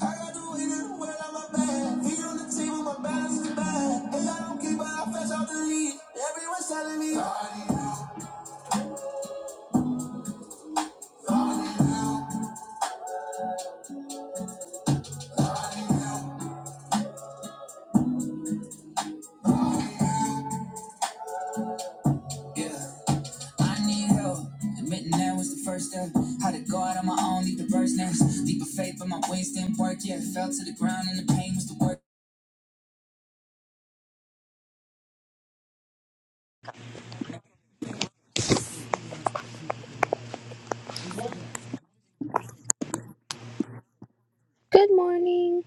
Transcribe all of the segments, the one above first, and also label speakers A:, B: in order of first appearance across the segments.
A: I got to hit when I'm a bad. Feet on the table, my balance is I don't keep but I fetch out the lead. Everyone's telling me, "Oh, yeah. I need help. Admitting that was the first step. How to go out on my own, leave the bird's nest. Deeper faith, but my wings didn't work. Yeah, it fell to the ground and the pain was the worst.
B: Good morning.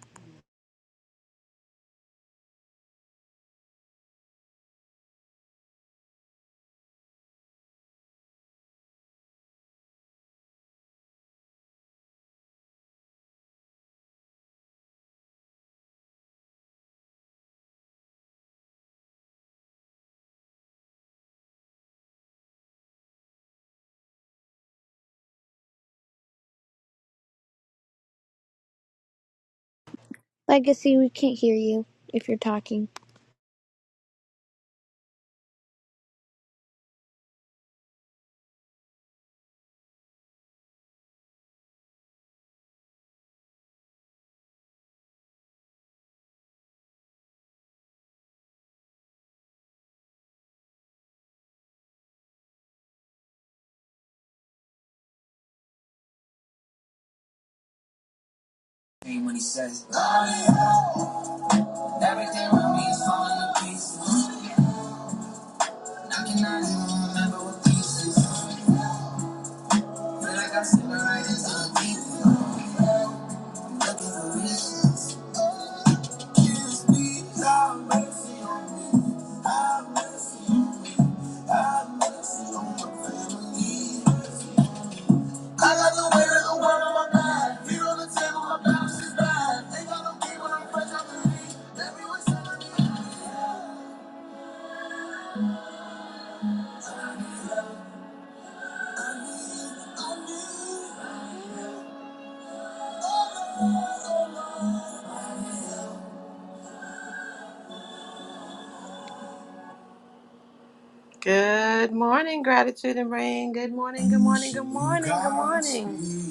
B: Legacy, we can't hear you if you're talking.
A: Pain when he says, "God, yeah." everything with me is falling to pieces. I cannot even remember what pieces. Feel like I sit right into the deep. Looking for reasons. Excuse me. I got the weight of the world on my back. Feet on the table, my balance is bad. Ain't got no game when I'm fresh. Good morning, gratitude and rain. Good morning, good morning, good morning, good morning.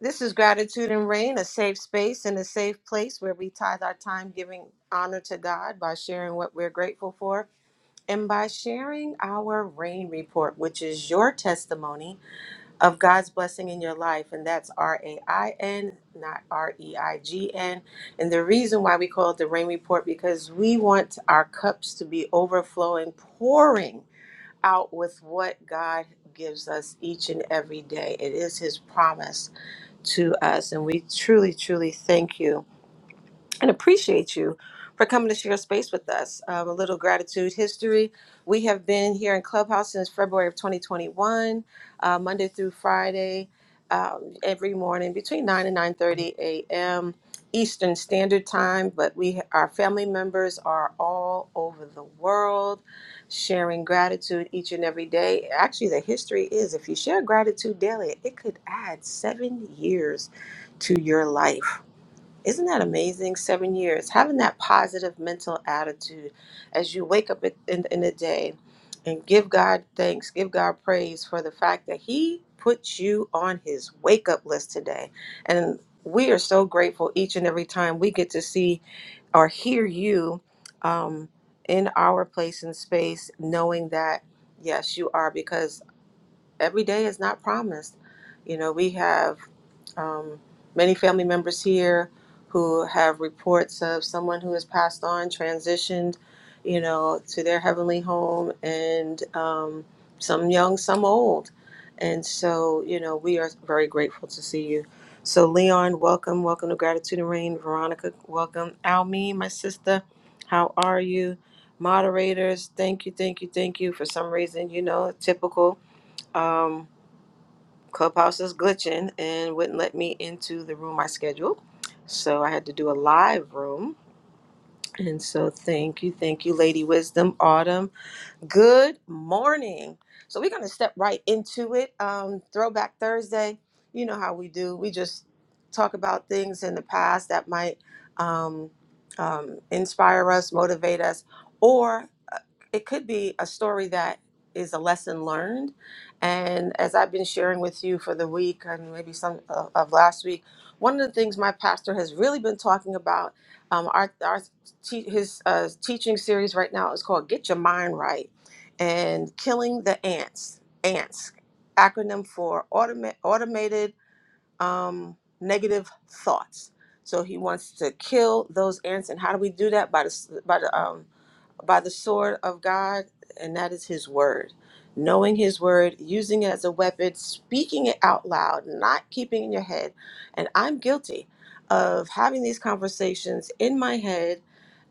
A: This is Gratitude and Rain, a safe space and a safe place where we tithe our time giving honor to God by sharing what we're grateful for and by sharing our rain report, which is your testimony of God's blessing in your life, and that's R A I N, not R E I G N. And the reason why we call it the rain report because we want our cups to be overflowing, pouring out with what God gives us each and every day. It is His promise to us, and we truly, truly thank you and appreciate you for coming to share space with us. Um, a little gratitude history. We have been here in Clubhouse since February of 2021, uh, Monday through Friday, um, every morning between 9 and 9:30 a.m. Eastern Standard Time. But we, our family members, are all over the world, sharing gratitude each and every day. Actually, the history is if you share gratitude daily, it could add seven years to your life. Isn't that amazing? Seven years. Having that positive mental attitude as you wake up at- in, in the day and give God thanks, give God praise for the fact that He put you on His wake up list today. And we are so grateful each and every time we get to see or hear you um, in our place and space, knowing that, yes, you are, because every day is not promised. You know, we have um, many family members here who have reports of someone who has passed on, transitioned, you know, to their heavenly home, and um, some young, some old. And so, you know, we are very grateful to see you. So, Leon, welcome. Welcome to Gratitude and Rain. Veronica, welcome. Almi, my sister, how are you? Moderators, thank you, thank you, thank you. For some reason, you know, typical um, Clubhouse is glitching and wouldn't let me into the room I scheduled. So I had to do a live room. And so thank you, thank you, Lady Wisdom Autumn. Good morning. So we're going to step right into it. Um, Throwback Thursday, you know how we do. We just talk about things in the past that might um, um, inspire us, motivate us, or it could be a story that is a lesson learned. And as I've been sharing with you for the week and maybe some of, of last week, one of the things my pastor has really been talking about, um, our, our te- his uh, teaching series right now is called "Get Your Mind Right" and "Killing the Ants." Ants, acronym for automa- automated um, negative thoughts. So he wants to kill those ants, and how do we do that? By the s- by the um, by the sword of God, and that is His word. Knowing His word, using it as a weapon, speaking it out loud, not keeping it in your head. And I'm guilty of having these conversations in my head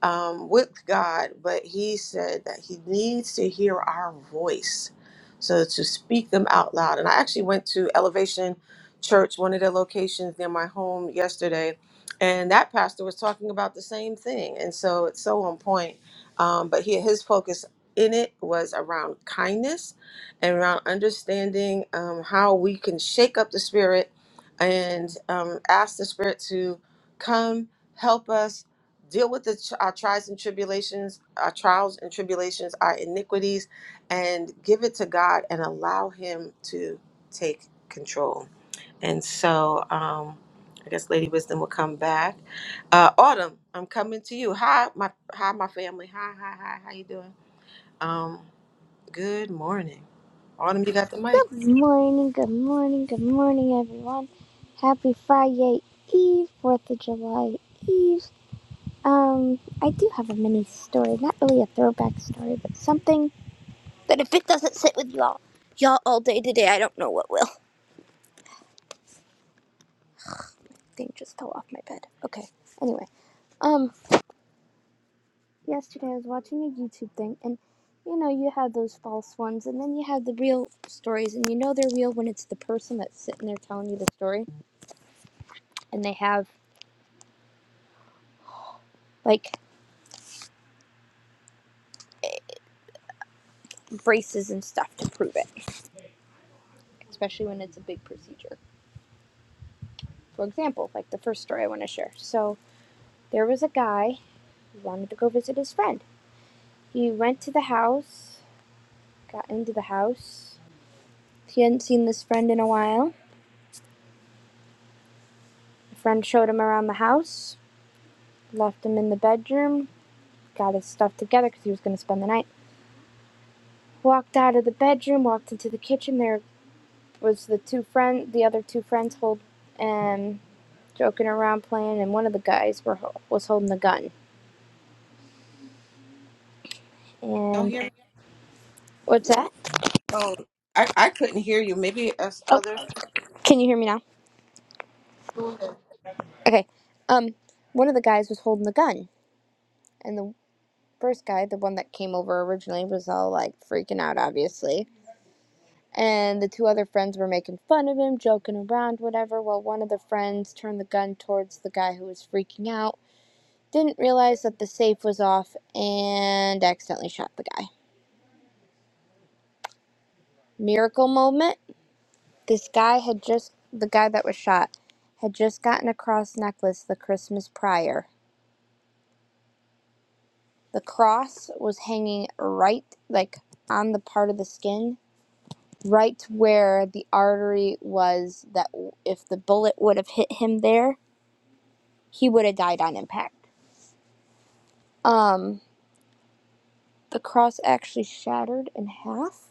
A: um, with God, but He said that He needs to hear our voice. So to speak them out loud. And I actually went to Elevation Church, one of their locations near my home yesterday, and that pastor was talking about the same thing. And so it's so on point um, but he, his focus in it was around kindness and around understanding um, how we can shake up the spirit and um, ask the spirit to come help us deal with the, tr- our trials and tribulations, our trials and tribulations, our iniquities, and give it to God and allow Him to take control. And so um, I guess Lady Wisdom will come back. Uh, Autumn, I'm coming to you. Hi, my hi, my family. Hi, hi, hi. How you doing? Um, good morning, Autumn. You got the mic.
B: Good morning, good morning, good morning, everyone. Happy Friday Eve, 4th of July Eve. Um, I do have a mini story, not really a throwback story, but something that if it doesn't sit with y'all, y'all all day today, I don't know what will. Thing just fell off my bed. Okay, anyway. um. yesterday I was watching a YouTube thing, and you know, you have those false ones, and then you have the real stories, and you know they're real when it's the person that's sitting there telling you the story, and they have like braces and stuff to prove it, especially when it's a big procedure. For example, like the first story I want to share. So there was a guy who wanted to go visit his friend. He went to the house, got into the house. He hadn't seen this friend in a while. The friend showed him around the house, left him in the bedroom, got his stuff together because he was going to spend the night. Walked out of the bedroom, walked into the kitchen. There was the two friend, the other two friends, hold and joking around playing, and one of the guys were was holding the gun.
A: Y'all
B: And
A: hear me?
B: what's that?
A: Oh, I, I couldn't hear you. Maybe us
B: Oh,
A: other.
B: can you hear me now? Okay. Um, one of the guys was holding the gun, and the first guy, the one that came over originally, was all like freaking out, obviously. And the two other friends were making fun of him, joking around, whatever. While one of the friends turned the gun towards the guy who was freaking out Didn't realize that the safe was off and accidentally shot the guy. Miracle moment. This guy had just, the guy that was shot, had just gotten a cross necklace the Christmas prior. The cross was hanging right, like, on the part of the skin, right where the artery was that if the bullet would have hit him there, he would have died on impact. Um, the cross actually shattered in half,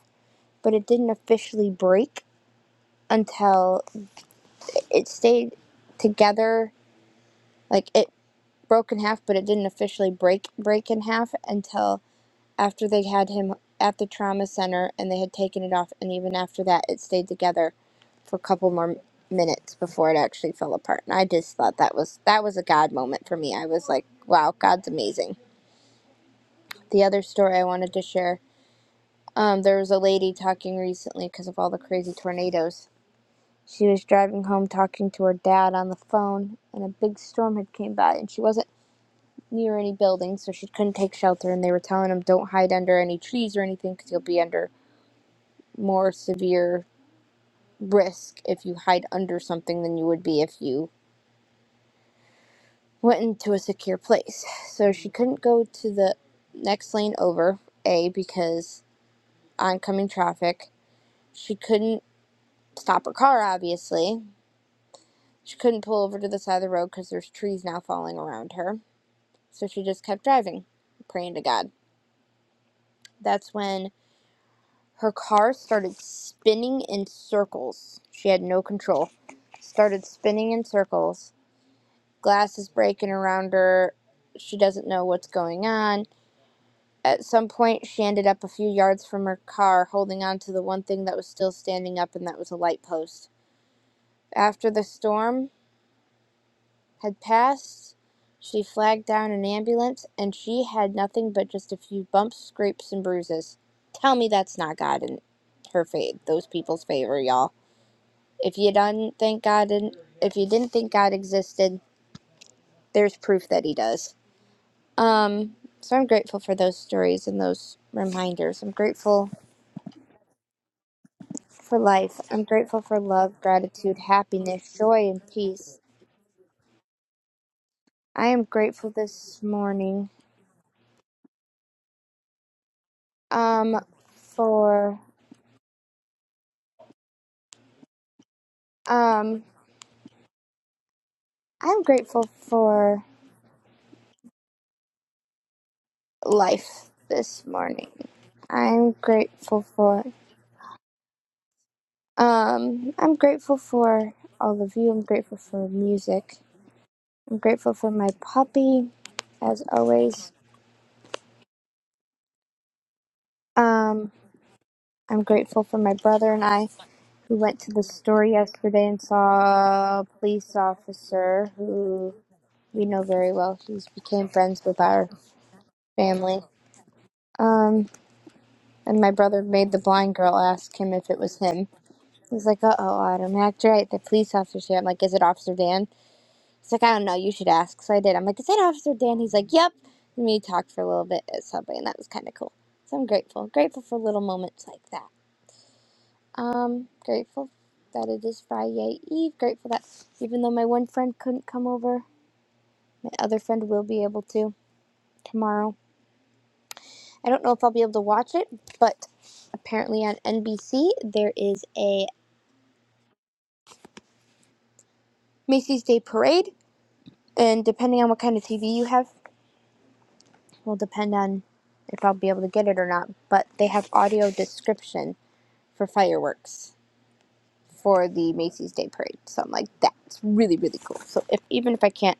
B: but it didn't officially break until it stayed together like it broke in half but it didn't officially break break in half until after they had him at the trauma center and they had taken it off and even after that it stayed together for a couple more minutes before it actually fell apart and i just thought that was that was a god moment for me i was like wow god's amazing the other story i wanted to share um, there was a lady talking recently because of all the crazy tornadoes She was driving home talking to her dad on the phone, and a big storm had came by, and she wasn't near any buildings, so she couldn't take shelter. And they were telling him, "Don't hide under any trees or anything, because you'll be under more severe risk if you hide under something than you would be if you went into a secure place." So she couldn't go to the next lane over, a because oncoming traffic. She couldn't stop her car, obviously. She couldn't pull over to the side of the road because there's trees now falling around her So she just kept driving, praying to God. That's when her car started spinning in circles. She had no control. Started spinning in circles. Glass is breaking around her. She doesn't know what's going on. At some point, she ended up a few yards from her car, holding on to the one thing that was still standing up, and that was a light post. After the storm, had passed. She flagged down an ambulance, and she had nothing but just a few bumps, scrapes, and bruises. Tell me that's not God in her faith, those people's favor, y'all. If you don't think God didn't, if you didn't think God existed, there's proof that He does. Um, so I'm grateful for those stories and those reminders. I'm grateful for life. I'm grateful for love, gratitude, happiness, joy, and peace. I am grateful this morning. Um, for um. I'm grateful for life this morning. I'm grateful for um I'm grateful for all of you. I'm grateful for music. I'm grateful for my puppy as always. Um I'm grateful for my brother and I who went to the store yesterday and saw a police officer who we know very well. He's became friends with our family. Um and my brother made the blind girl ask him if it was him He's like, uh oh, Autumn, act right. The police officer's here. I'm like, is it Officer Dan? He's like, I don't know. You should ask. So I did. I'm like, is that Officer Dan? He's like, yep. And we talked for a little bit at Subway, and that was kind of cool. So I'm grateful. Grateful for little moments like that. Um, grateful that it is Friday Eve. Grateful that even though my one friend couldn't come over, my other friend will be able to tomorrow. I don't know if I'll be able to watch it, but apparently on NBC there is a Macy's Day Parade, and depending on what kind of TV you have, will depend on if I'll be able to get it or not, but they have audio description for fireworks for the Macy's Day Parade. So I'm like, that's really, really cool. So if even if I can't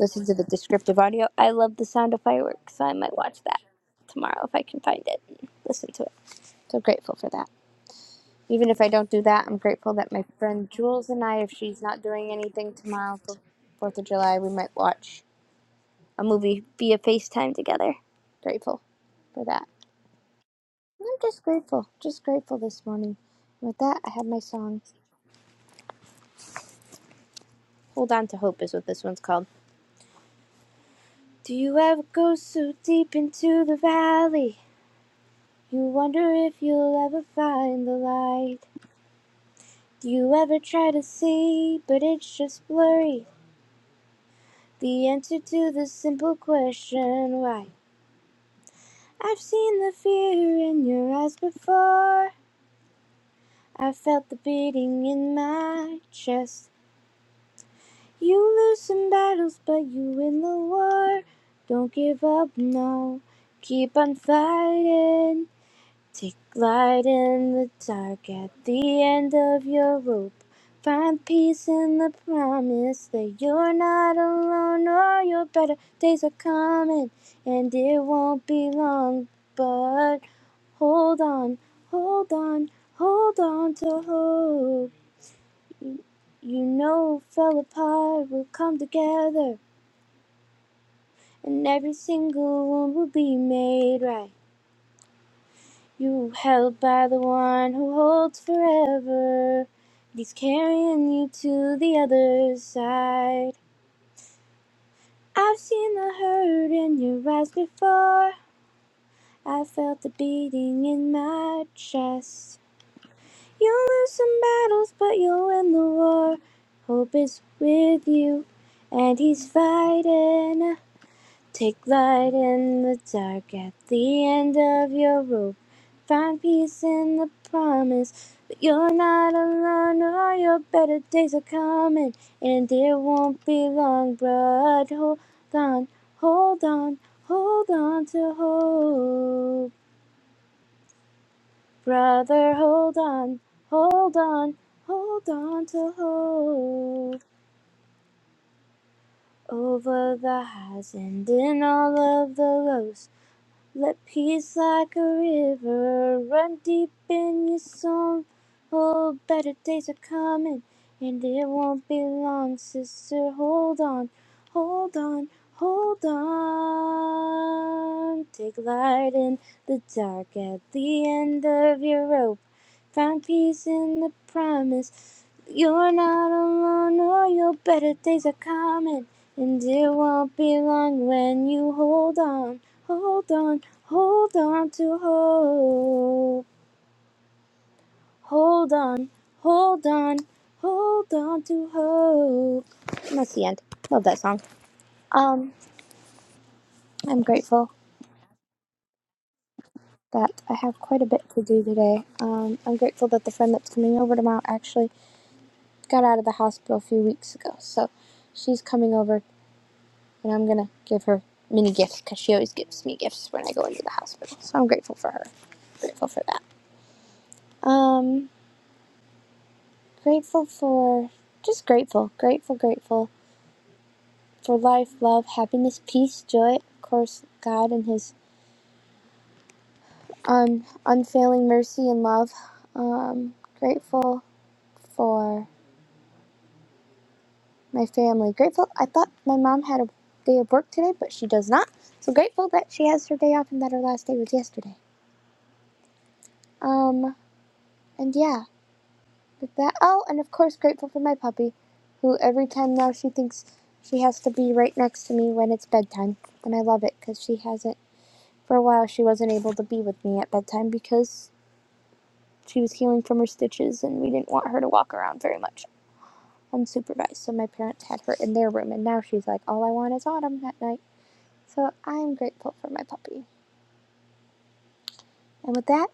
B: listen to the descriptive audio, I love the sound of fireworks. So I might watch that tomorrow if I can find it and listen to it. So grateful for that. Even if I don't do that, I'm grateful that my friend Jules and I, if she's not doing anything tomorrow for Fourth of July, we might watch a movie via FaceTime together. Grateful for that. I'm just grateful, just grateful this morning. And With that, I have my song. Hold on to hope is what this one's called. Do you ever go so deep into the valley? You wonder if you'll ever find the light. Do you ever try to see, but it's just blurry? The answer to the simple question why? I've seen the fear in your eyes before. I felt the beating in my chest. You lose in battles, but you win the war. Don't give up, no. Keep on fighting. Take light in the dark at the end of your rope. Find peace in the promise that you're not alone or your better days are coming and it won't be long. But hold on, hold on, hold on to hope. You, you know, fell apart will come together, and every single one will be made right. You held by the one who holds forever, and he's carrying you to the other side. I've seen the hurt in your eyes before. I felt the beating in my chest. You lose some battles, but you'll win the war. Hope is with you, and he's fighting. Take light in the dark at the end of your rope. Find peace in the promise that you're not alone or your better days are coming. And it won't be long, but hold on, hold on, hold on to hope. Brother, hold on, hold on, hold on to hope. Over the highs and in all of the lows. Let peace like a river run deep in your soul. Oh, better days are coming, and it won't be long, sister. Hold on, hold on, hold on. Take light in the dark at the end of your rope. Find peace in the promise. You're not alone, or your better days are coming. And it won't be long when you hold on, hold on, hold on to hope. Hold on, hold on, hold on to hope. And that's the end. Love that song. Um, I'm grateful that I have quite a bit to do today. Um, I'm grateful that the friend that's coming over tomorrow actually got out of the hospital a few weeks ago. So she's coming over and I'm going to give her mini gifts because she always gives me gifts when I go into the hospital. So I'm grateful for her. Grateful for that. Um, grateful for, just grateful, grateful, grateful for life, love, happiness, peace, joy. Of course, God and His um unfailing mercy and love. Um, grateful for. my family. Grateful. I thought my mom had a day of work today, but she does not. So grateful that she has her day off and that her last day was yesterday. Um, and yeah, with that. Oh, and of course, grateful for my puppy, who every time now she thinks she has to be right next to me when it's bedtime. And I love it because she hasn't, for a while, she wasn't able to be with me at bedtime because she was healing from her stitches and we didn't want her to walk around very much unsupervised. So my parents had her in their room, and now she's like, all I want is autumn at night. So I'm grateful for my puppy. And with that,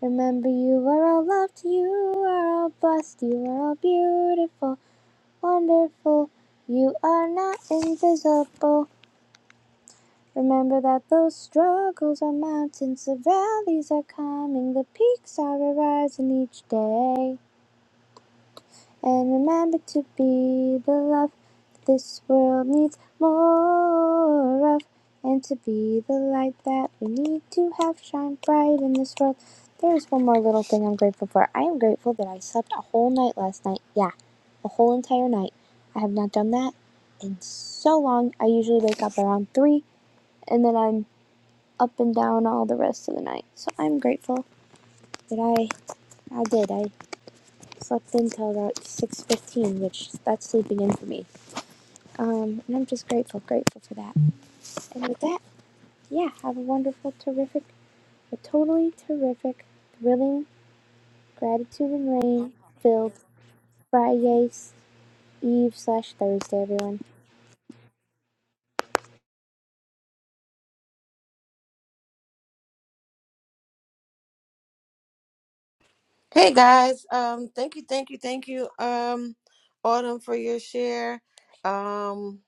B: remember you are all loved, you are all blessed, you are all beautiful, wonderful. You are not invisible. Remember that those struggles are mountains, the valleys are coming, the peaks are arising each day. And remember to be the love that this world needs more of. And to be the light that we need to have shine bright in this world. There's one more little thing I'm grateful for. I am grateful that I slept a whole night last night. Yeah, a whole entire night. I have not done that in so long. I usually wake up around 3 and then I'm up and down all the rest of the night. So I'm grateful that I I did. I Slept until about 6.15, which that's sleeping in for me. Um, and I'm just grateful, grateful for that. And with that, yeah, have a wonderful, terrific, a totally terrific, thrilling, gratitude and rain filled Friday Eve slash Thursday, everyone.
A: Hey guys. Um, thank you, thank you, thank you. Um, Autumn for your share. Um,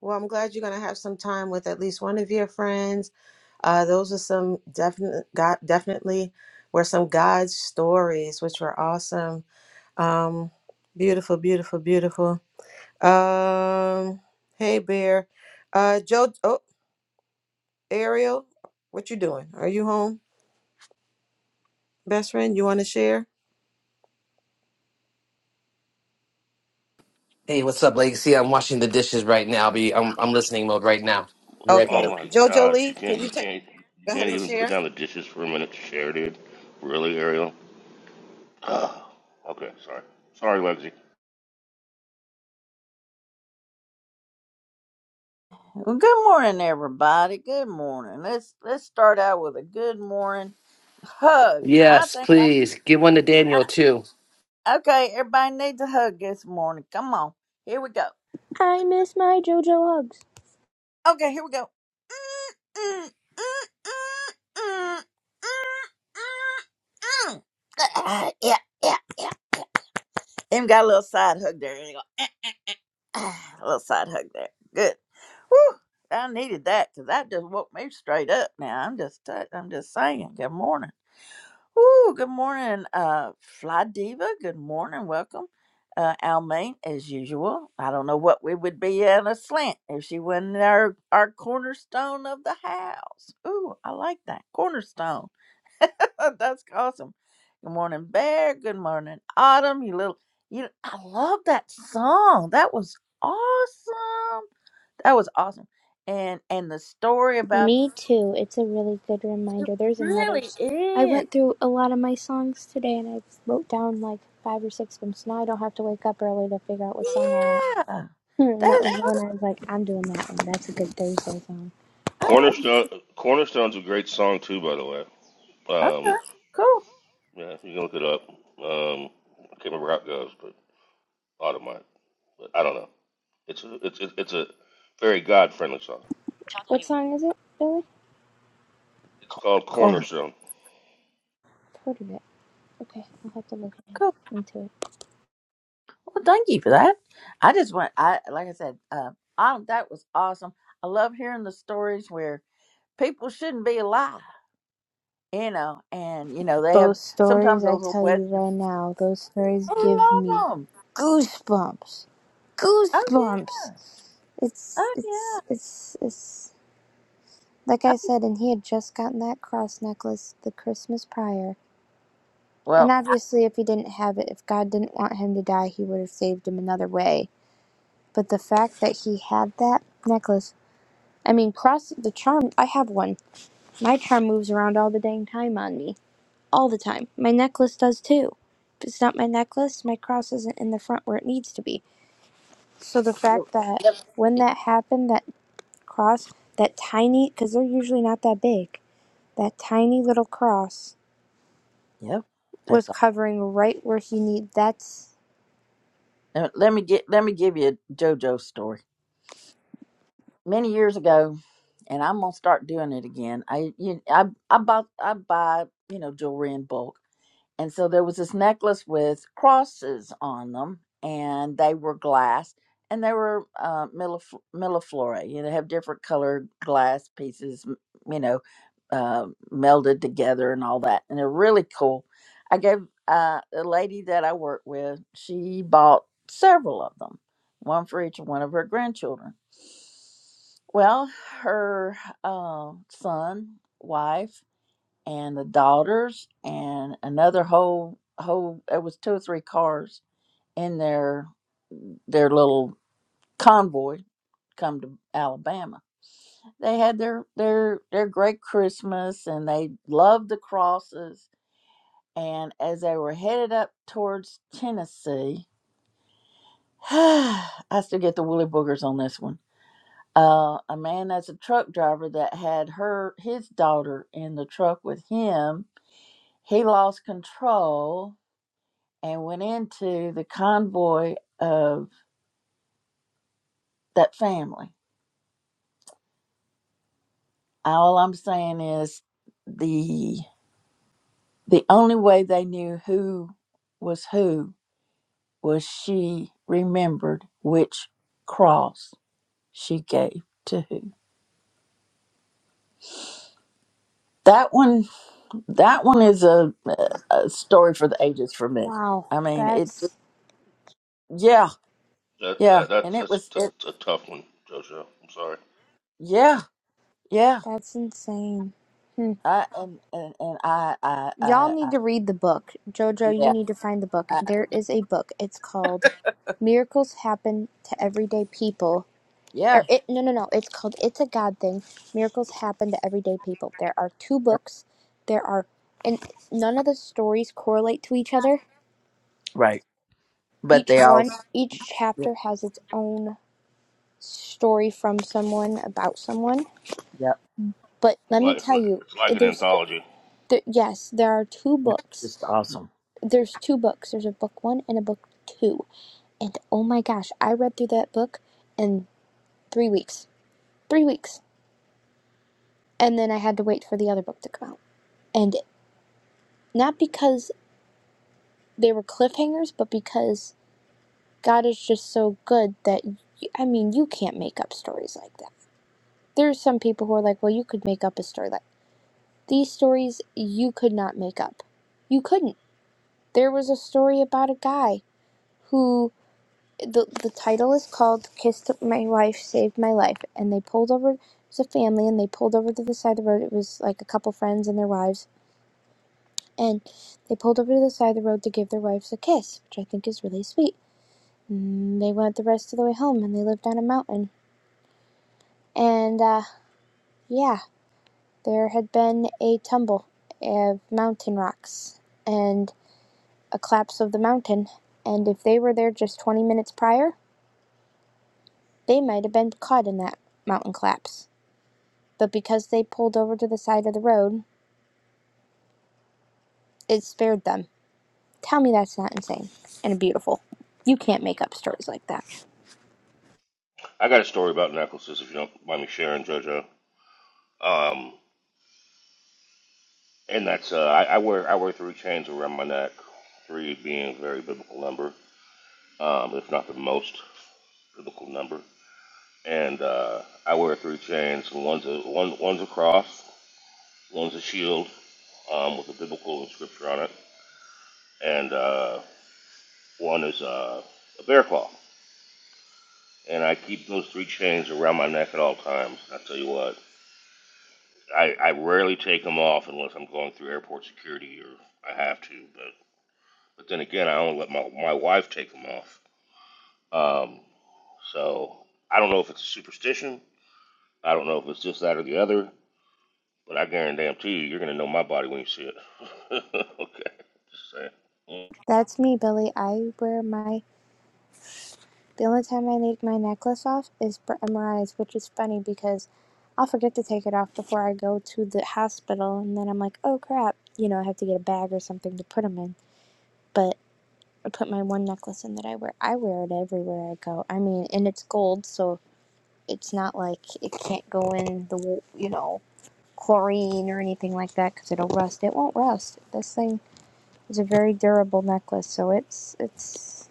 A: Well, I'm glad you're going to have some time with at least one of your friends. Uh, those are some definite, got, definitely were some God stories, which were awesome. Um, beautiful, beautiful, beautiful. Um, hey, Bear. Uh, Joe, oh, Ariel, what you doing? Are you home, best friend? You want to share?
C: Hey, what's up, Legacy? I'm washing the dishes right now. I'll be I'm I'm listening mode right now. Be right back.
A: Okay,
D: Oh my
A: Jojo
D: gosh, you
A: Lee, can
D: can't,
A: you
D: you
A: take?
D: can't, you
A: Go ahead
D: can't
A: and
D: even put
A: share.
D: down the dishes for a minute to share, dude. Really, Ariel? Ah, okay, sorry, sorry, Lexi.
E: Well, good morning, everybody. Good morning. Let's let's start out with a good morning hug. I
C: Yes,
E: think. I,
C: please. Give one to Daniel too.
E: I, okay, everybody needs a hug this morning. Come on, here we go.
B: I miss my JoJo hugs.
E: Okay, here we go. Yeah, yeah, yeah. Even got a little side hug there. You go, ah, A little side hug there. Good. Whew, I needed that because that just woke me straight up. Now I'm just, I'm just saying. Good morning. Ooh, good morning, uh, Fly Diva. Good morning. Welcome. Uh, Almaine, as usual. I don't know what we would be at a slant if she wasn't our, our cornerstone of the house. Ooh, I like that. Cornerstone. That's awesome. Good morning, Bear. Good morning, Autumn. You little, you, I love that song. That was awesome. That was awesome. And, and the story about
B: Me too. It's a really good reminder. There's another.
E: really
B: s- I
E: is.
B: went through a lot of my songs today and I wrote down like five or six of them, so now I don't have to wake up early to figure out what song I want.
E: Yeah.
B: Hmm,
E: That
B: that
E: is
B: was the one I was like, I'm doing that one. That's a good Thursday song.
E: Oh,
D: Cornerstone, Cornerstone's a great song too, by the way.
E: okay,
D: Um,
E: cool,
D: yeah, you can look it up. Um, I can't remember how it goes, but Automite. But I don't know. It's a, it's, it's it's a very God friendly song.
B: What song is it, Billy?
D: It's called
E: corner,
D: Cornerstone.
B: i heard of it. Okay, I'll have to look in-
E: cool.
B: into it.
E: Well, thank you for that. I just want, I like I said, uh, um, that was awesome. I love hearing the stories where people shouldn't be alive, you know, and you know they have
B: Those stories
E: sometimes
B: I
E: those little
B: tell you
E: western.
B: right now, those stories
E: I
B: give me
E: love them.
B: goosebumps.
E: Oh yeah,
B: Goosebumps. It's
E: oh
B: it's
E: yeah.
B: it's it's like
E: Oh,
B: I
E: yeah.
B: said, and he had just gotten that cross necklace the Christmas prior. And
E: Well,
B: obviously if he didn't have it, if God didn't want him to die, he would have saved him another way. But the fact that he had that necklace I mean, cross the charm. I have one. My charm moves around all the dang time on me. All the time. My necklace does too. If it's not my necklace, my cross isn't in the front where it needs to be. So the fact that
E: yep,
B: when that happened, that cross, that tiny, because they're usually not that big, that tiny little cross
E: yep. That's
B: was
E: all.
B: covering right where he need. That's
E: Let let me get, let me give you a JoJo story. many years ago, and I'm gonna start doing it again. I you, I I bought I buy you know jewelry in bulk, and so there was this necklace with crosses on them, and they were glass, and they were uh, millif- milliflora. You know, have different colored glass pieces, m- you know, uh, melded together and all that. And they're really cool. I gave uh, the lady that I work with, she bought several of them, one for each one of her grandchildren. Well, her uh, son, wife, and the daughters and another whole whole it was two or three cars in their their little convoy come to Alabama. They had their their their great Christmas and they loved the crosses and as they were headed up towards Tennessee I still get the woolly boogers on this one. Uh, a man that's a truck driver that had her his daughter in the truck with him. He lost control and went into the convoy of that family. All I'm saying is the the only way they knew who was who was she remembered which cross she gave to who. That one that one is a, a story for the ages for me.
B: wow.
E: I mean, it
B: That's
E: yeah,
D: That,
E: yeah,
D: that that's
E: and it
D: that's,
E: was
D: that's
E: it
D: a tough one, JoJo. I'm sorry.
E: yeah, yeah.
B: that's insane. Hmm.
E: I and and, and I, I
B: Y'all
E: I
B: need
E: I
B: to read the book. Jojo, you
E: yeah,
B: need to find the book.
E: I,
B: There is a book. It's called Miracles Happen to Everyday People.
E: yeah.
B: Or it no no no, it's called It's a God Thing. Miracles Happen to Everyday People. There are two books. There are and none of the stories correlate to each other.
E: but
B: Each
E: they all
B: one each
E: they're
B: chapter has its own story from someone about someone. But
D: It's
B: let me
D: like it's
B: tell
D: like,
B: you,
D: it's like
B: it-
D: an
B: there's
D: anthology.
B: there, yes, there are two books.
E: awesome.
B: There's two books. There's a book 1 and a book 2 And oh my gosh, I read through that book in three weeks. Three weeks. And then I had to wait for the other book to come out. And not because they were cliffhangers, but because God is just so good that, you, I mean, you can't make up stories like that. There's some people who are like, well, you could make up a story like these stories you could not make up. You couldn't. There was a story about a guy who the the title is called "Kissed My Wife, Saved My Life," and they pulled over. It was a family, and they pulled over to the side of the road. It was like a couple friends and their wives, and they pulled over to the side of the road to give their wives a kiss, which I think is really sweet. And they went the rest of the way home, and they lived on a mountain. And uh, yeah, there had been a tumble of mountain rocks and a collapse of the mountain. And if they were there just 20 minutes prior, they might have been caught in that mountain collapse. but because they pulled over to the side of the road, it spared them. Tell me that's not insane and beautiful. You can't make up stories like that.
D: I got a story about necklaces, if you don't mind me sharing, JoJo. Um, and that's uh, I, I wear I wear three chains around my neck, three being a very biblical number, um, if not the most biblical number. And uh, I wear three chains, and one's a one one's a cross, one's a shield um, with a biblical inscription on it, and uh, one is uh, a bear claw. And I keep those three chains around my neck at all times. I tell you what. I, I rarely take them off unless I'm going through airport security or I have to. But but then again, I only let my my wife take them off. Um, so I don't know if it's a superstition. I don't know if it's just that or the other. But I guarantee you, you're gonna know my body when you see it. okay, just saying. Mm.
B: That's me, Billy. I wear my. The only time I take my necklace off is for MRIs, which is funny because I'll forget to take it off before I go to the hospital, and then I'm like, oh crap, you know, I have to get a bag or something to put them in. But I put my one necklace in that I wear. I wear it everywhere I go. I mean, and it's gold, so it's not like it can't go in the, you know, chlorine or anything like that because it'll rust. It won't rust. This thing is a very durable necklace, so it's it's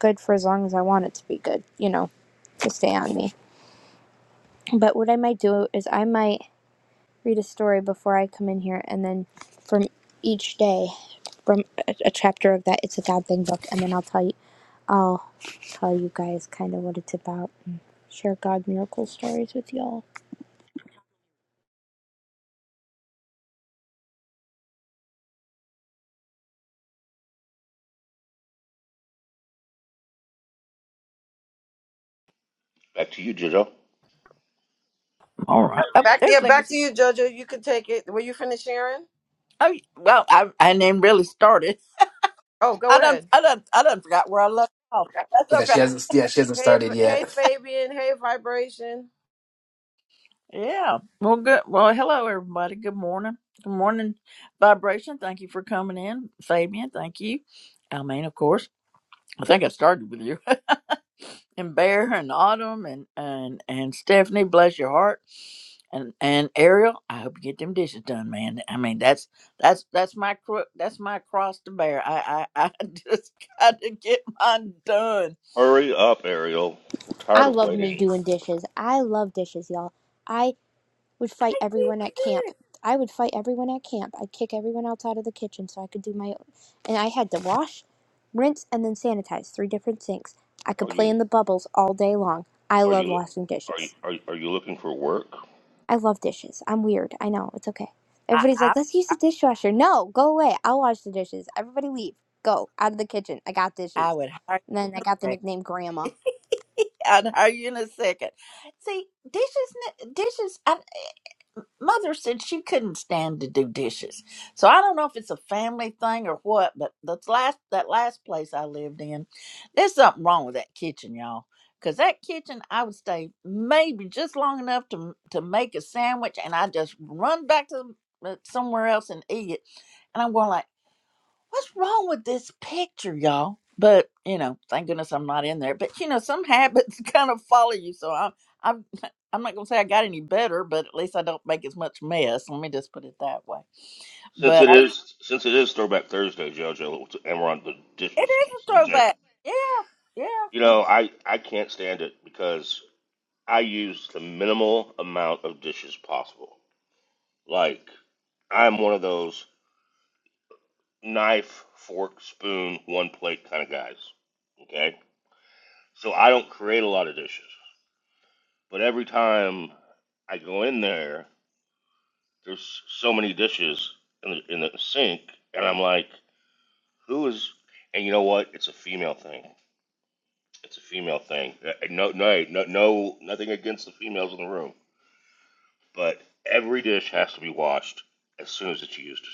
B: good for as long as I want it to be good, you know, to stay on me. But what I might do is I might read a story before I come in here, and then from each day, from a, a chapter of that, it's a God thing book, and then I'll tell you, I'll tell you guys kind of what it's about. Share God miracle stories with y'all.
D: Back to you, Jojo.
E: All right. Oh,
A: Back, yeah,
E: there's
A: back to
E: Legacy.
A: you, Jojo. You can take it. Were you finished sharing?
E: Oh, well, I I not really started.
A: Oh, go
E: I
A: ahead.
E: don't. I don't. I don't forgot where I left off. That's
C: Yeah,
E: okay.
C: she hasn't yeah, she hasn't
A: Hey,
C: started
A: V- hey,
C: yet.
A: Fabian. Hey, Vibration.
E: Yeah. Well, good. Well, hello everybody. Good morning. Good morning, vibration. Thank you for coming in, Fabian. Thank you. I mean, of course. I think I started with you. and Bear and Autumn and and and Stephanie, bless your heart, and and Ariel. I hope you get them dishes done, man. I mean, that's that's that's my cro- that's my cross to bear. I I, I just got to get mine done.
D: Hurry up, Ariel. We're tired
B: I
D: of
B: love me
D: waiting.
B: doing dishes. I love dishes, y'all. I. would fight everyone at camp. I would fight everyone at camp. I'd kick everyone else out of the kitchen so I could do my own. And I had to wash, rinse, and then sanitize three different sinks. I
D: Are
B: could play
D: you
B: in the bubbles all day long. I
D: are
B: love
D: you
B: washing
D: are you
B: dishes.
D: are you, are you looking for work?
B: I love dishes. I'm weird. I know. It's okay.
E: I
B: Everybody's
E: I,
B: like, let's use the dishwasher. No, go away. I'll wash the dishes. Everybody leave. Go out of the kitchen. I got
E: I
B: dishes.
E: would hire
B: And
E: you
B: then I
E: in a
B: got the
E: second.
B: nickname Grandma.
E: I'd hire you in a second. See, dishes, n- dishes. I, mother said she couldn't stand to do dishes. So I don't know if it's a family thing or what, but that's last that last place I lived in, there's something wrong with that kitchen, y'all. Cause that kitchen, I would stay maybe just long enough to to make a sandwich, and I just run back to the- somewhere else and eat it. And I'm going like what's wrong with this picture, y'all? But you know, thank goodness I'm not in there. But you know, some habits kind of follow you. So I'm, I'm, I'm not gonna say I got any better, but at least I don't make as much mess. Let me just put it that way.
D: Since
E: But
D: it
E: I,
D: is since it is Throwback Thursday, JoJo, and we're on the
E: it
D: dishes
E: is a
D: subject,
E: throwback. Yeah,
D: you
E: yeah.
D: know, I I can't stand it because I use the minimal amount of dishes possible. Like I'm one of those knife, fork, spoon, one plate kind of guys. Okay, so I don't create a lot of dishes, but every time I go in there, there's so many dishes in the in the sink, and I'm like, who is? And you know what? It's a female thing. It's a female thing. Uh, No, no, no, no, nothing against the females in the room, but every dish has to be washed as soon as it's used.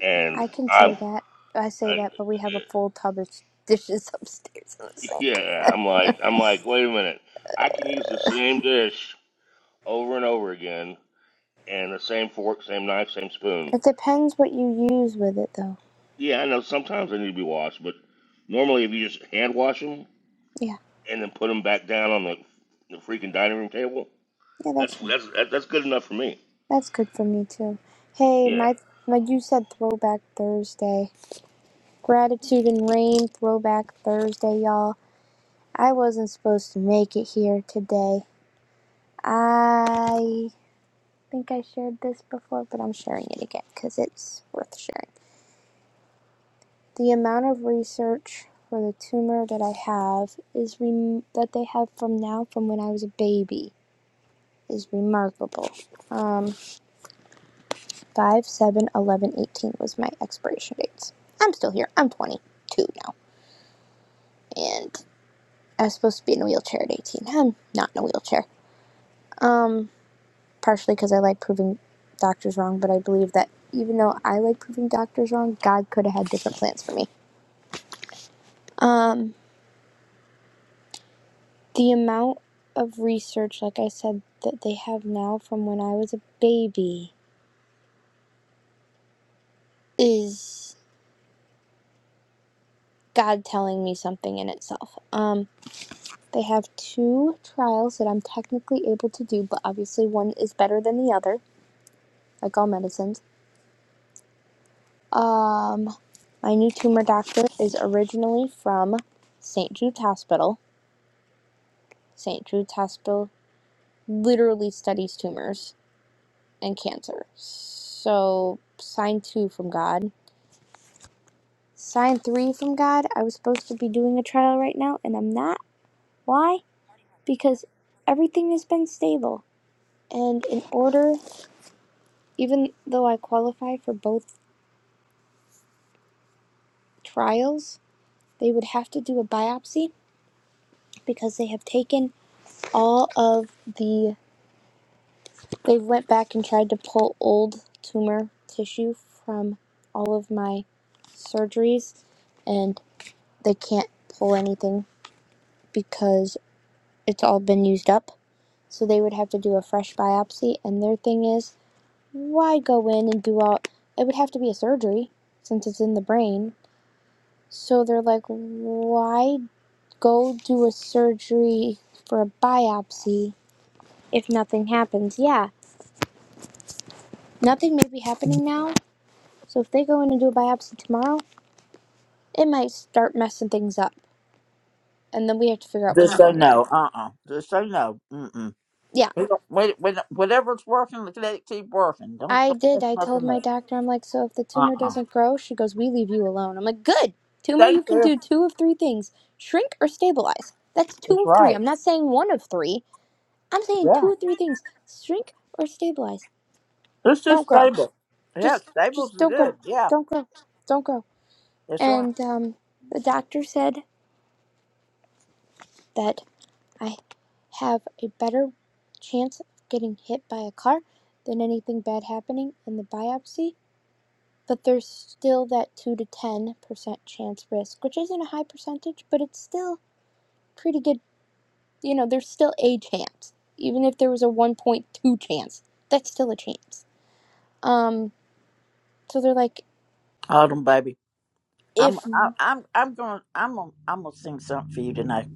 D: And
B: I can say
D: I'm,
B: that. I say
D: I,
B: that, but we have
D: uh,
B: a full tub of dishes upstairs in the sink.
D: yeah, I'm like, I'm like, wait a minute. I can use the same dish over and over again, and the same fork, same knife, same spoon.
B: It depends what you use with it, though.
D: Yeah, I know sometimes they need to be washed, but normally if you just hand wash them
B: Yeah,
D: and then put them back down on the, the freaking dining room table,
B: yeah, that's
D: that's
B: fine.
D: that's that's good enough for me.
B: That's good for me too. Hey,
D: Yeah,
B: my, my you said Throwback Thursday, Gratitude and Rain Throwback Thursday, y'all. I wasn't supposed to make it here today. I think I shared this before, but I'm sharing it again because it's worth sharing. The amount of research for the tumor that I have is rem- that they have from now from when I was a baby is remarkable. Um, 5, seven, eleven, eighteen was my expiration dates. I'm still here. I'm 22 now. And I was supposed to be in a wheelchair at 18. I'm not in a wheelchair. Um, partially because I like proving doctors wrong, but I believe that even though I like proving doctors wrong, God could have had different plans for me. Um, the amount of research, like I said, that they have now from when I was a baby is God telling me something in itself. Um, They have two trials that I'm technically able to do, but obviously one is better than the other, like all medicines. Um, my new tumor doctor is originally from St. Jude's Hospital. St. Jude's Hospital literally studies tumors and cancer. So, sign two from God. Sign three from God. I was supposed to be doing a trial right now, and I'm not. Why? Because everything has been stable. And in order, even though I qualify for both trials, they would have to do a biopsy because they have taken all of the they went back and tried to pull old tumor tissue from all of my surgeries and they can't pull anything because it's all been used up. So they would have to do a fresh biopsy and their thing is why go in and do all it would have to be a surgery since it's in the brain. So they're like why go do a surgery for a biopsy if nothing happens. Yeah, nothing may be happening now. So if they go in and do a biopsy tomorrow, it might start messing things up. And then we have to figure out
E: it's-
B: what's
E: Just so
B: going on.
E: no, uh, uh Just so no, mm mm.
B: Yeah,
E: We don't, we, we don't, whatever's working, let it keep working. Don't
B: I
E: don't
B: did.
E: mess
B: I told
E: nothing
B: my
E: up.
B: doctor, I'm like, so if the
E: Uh
B: tumor
E: uh
B: doesn't grow, she goes, we leave you alone. I'm like, good. Tumor,
E: Thank
B: you can
E: you.
B: do two of three things shrink or stabilize. That's two
E: That's
B: of three.
E: right.
B: I'm not saying one of three. I'm saying two
E: Yeah.
B: or three things shrink or stabilize.
E: It's
B: Don't
E: just
B: grow.
E: stable. Yeah,
B: just
E: stables
B: just
E: is
B: don't grow,
E: good. Yeah.
B: don't grow, don't grow.
E: That's right.
B: and um, the doctor said that i have a better chance of getting hit by a car than anything bad happening in the biopsy but there's still that 2 to 10% chance risk which isn't a high percentage but it's still pretty good you know there's still a chance even if there was a 1.2 chance that's still a chance um so they're like
E: Hold on, baby. I'm
B: if
E: I, I'm I'm gonna I'm gonna, I'm gonna sing something for you tonight.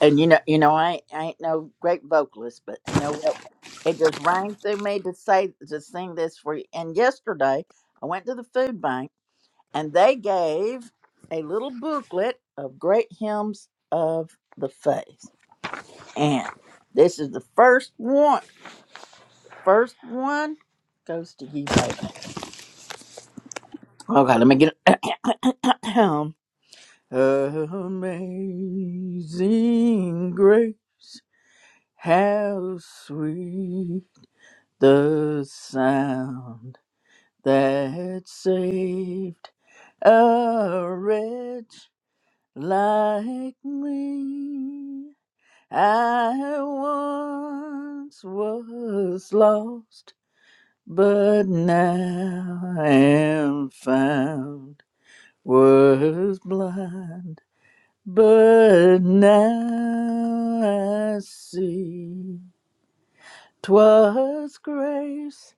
E: And you know you know I ain't, I ain't no great vocalist, but you know what? It just rang through me to say to sing this for you. And yesterday I went to the food bank and they gave a little booklet of great hymns of the faith. And this is the first one. First one goes to you, baby. Okay, let me get. Amazing grace, how sweet the sound that saved a wretch like me. I once was lost, but now am found, was blind But now I see 'twas grace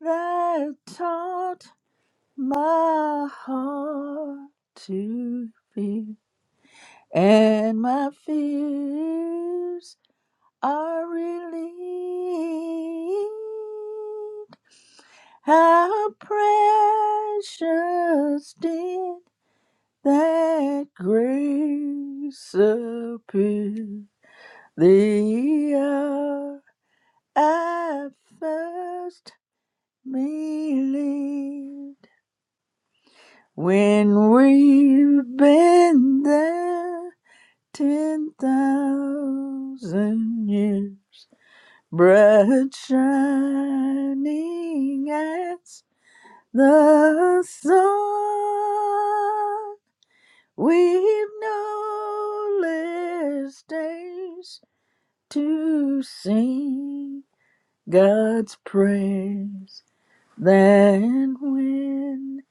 E: that taught my heart to fear, and my fears are relieved. How precious did that grace appear! The hour I first believed when we've been there ten thousand years, bright shining as the sun. We've no less days to sing God's praise then when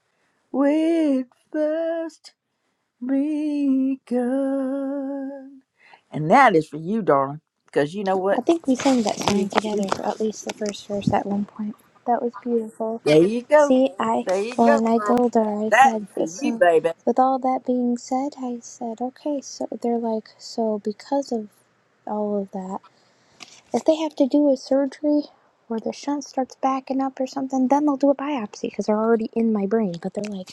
E: we first begun. And that is for you, darling, because you know
B: I
E: what?
B: think we sang that song
E: You,
B: together,
E: you,
B: or at least the first verse at one point. That was beautiful.
E: there you go.
B: See, I,
E: There you
B: well,
E: go,
B: and I
E: girl.
B: told her, I
E: That
B: said,
E: is for you,
B: so,
E: baby.
B: with all that being said, I said, okay, so they're like, so because of all of that, if they have to do a surgery or the shunt starts backing up or something, then they'll do a biopsy because they're already in my brain. But they're like,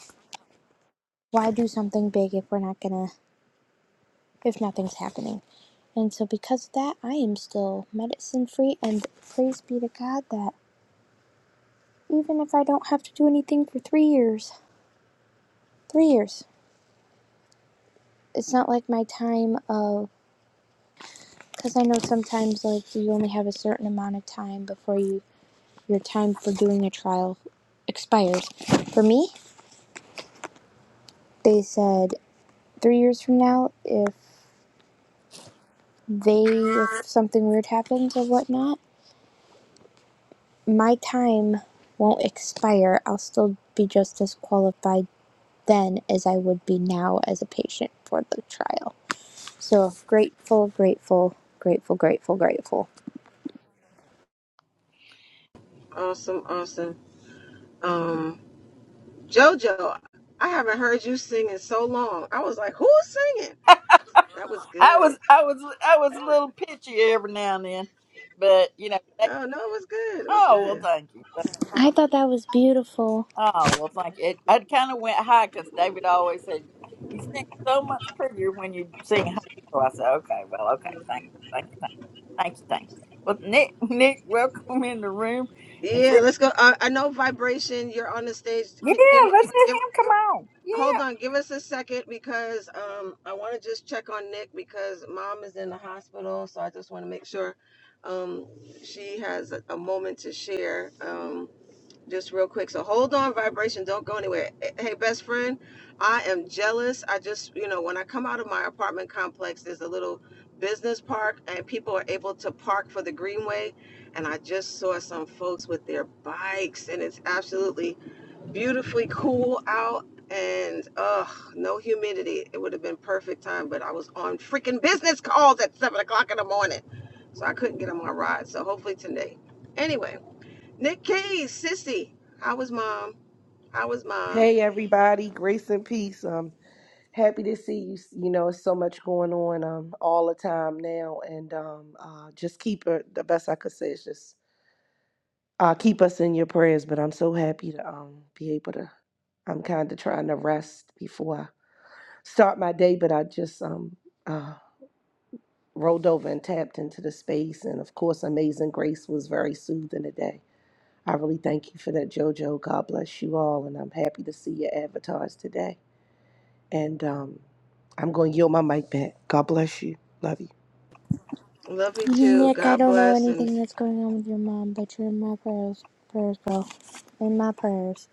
B: why do something big if we're not gonna, if nothing's happening? And so, because of that, I am still medicine free, and praise be to God that even if I don't have to do anything for three years. Three years. It's not like my time of because I know sometimes like you only have a certain amount of time before you your time for doing a trial expires. For me, they said three years from now, if they if something weird happens or whatnot, my time won't expire. I'll still be just as qualified then as I would be now as a patient for the trial. So grateful, grateful, grateful, grateful, grateful.
A: Awesome, awesome. Um, JoJo, I haven't heard you sing in so long. I was like, who's singing? That was
E: I
A: good.
E: was, I was, I was a little pitchy every now and then, but you know, they,
A: Oh no, it was good. It was
E: oh well,
A: good.
E: thank you.
B: I thought that was beautiful.
E: Oh, well, thank you. It, I kind of went high because David always said, You sing so much prettier when you sing high. So I said, Okay, well, okay. Thank you. Thank you. Thank you. Thank you. Thank you. Well, Nick, Nick, welcome in the room. And say,
A: Yeah, let's go. Uh, I know Vibration. You're on the stage.
E: Yeah,
A: Can give me
E: let's let
A: give.
E: him come on.
A: Hold
E: Yeah.
A: on, give us a second because um I want to just check on Nick because mom is in the hospital, so I just want to make sure um she has a, a moment to share. Um. just real quick. So hold on, vibration, don't go anywhere. Eh, Hey, best friend, I am jealous. I just, you know, when I come out of my apartment complex, there's a little business park, and people are able to park for the greenway. And I just saw some folks with their bikes, and it's absolutely beautifully cool out. And ugh, no humidity. It would have been perfect time, but I was on freaking business calls at seven o'clock in the morning, so I couldn't get on my ride. So hopefully today. Anyway. Nick Keys, sissy. How was mom? How was mom?
F: Hey everybody, grace and peace. Um, happy to see you. You know, it's so much going on um all the time now, and um uh just keep it the best I could say is just uh keep us in your prayers. But I'm so happy to um be able to. I'm kind of trying to rest before I start my day, but I just um uh rolled over and tapped into the space, and of course, Amazing Grace was very soothing today. I really thank you for that, JoJo. God bless you all, and I'm happy to see your avatars today. And um I'm going to yield my mic back. God bless you. Love you.
A: Love you too.
B: Nick, I
A: God
B: don't know
A: bless and
B: anything that's going on with your mom, but you're in my prayers, prayers, girl. In my prayers.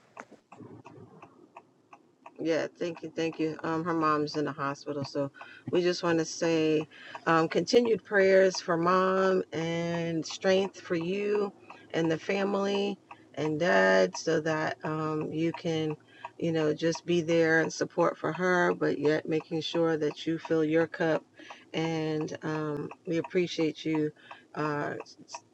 A: Yeah, thank you, thank you. Um, her mom's in the hospital, so we just want to say um, continued prayers for mom and strength for you and the family and dad, so that um, you can, you know, just be there and support for her, but yet making sure that you fill your cup. And um, we appreciate you uh,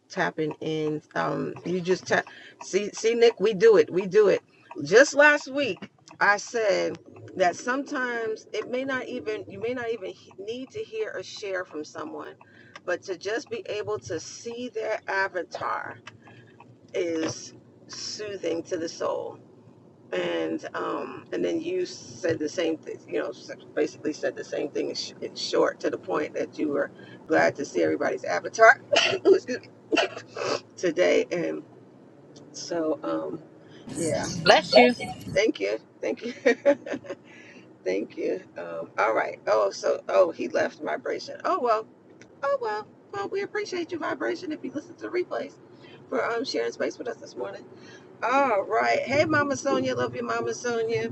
A: tapping in. Um, you just tap. See, see, Nick, we do it. We do it. Just last week. I said that sometimes it may not even you may not even he- need to hear or share from someone, but to just be able to see their avatar is soothing to the soul. And um, and then you said the same thing, you know, s- basically said the same thing in, sh- in short to the point that you were glad to see everybody's avatar excuse me, today. And so, um, yeah,
G: Bless you.
A: thank you, thank you. Thank you. Um, all right. Oh, so oh, he left vibration. Oh well. Oh well. Well, we appreciate you vibration if you listen to the replays for um sharing space with us this morning. All right. Hey, Mama Sonia. Love you, Mama Sonia.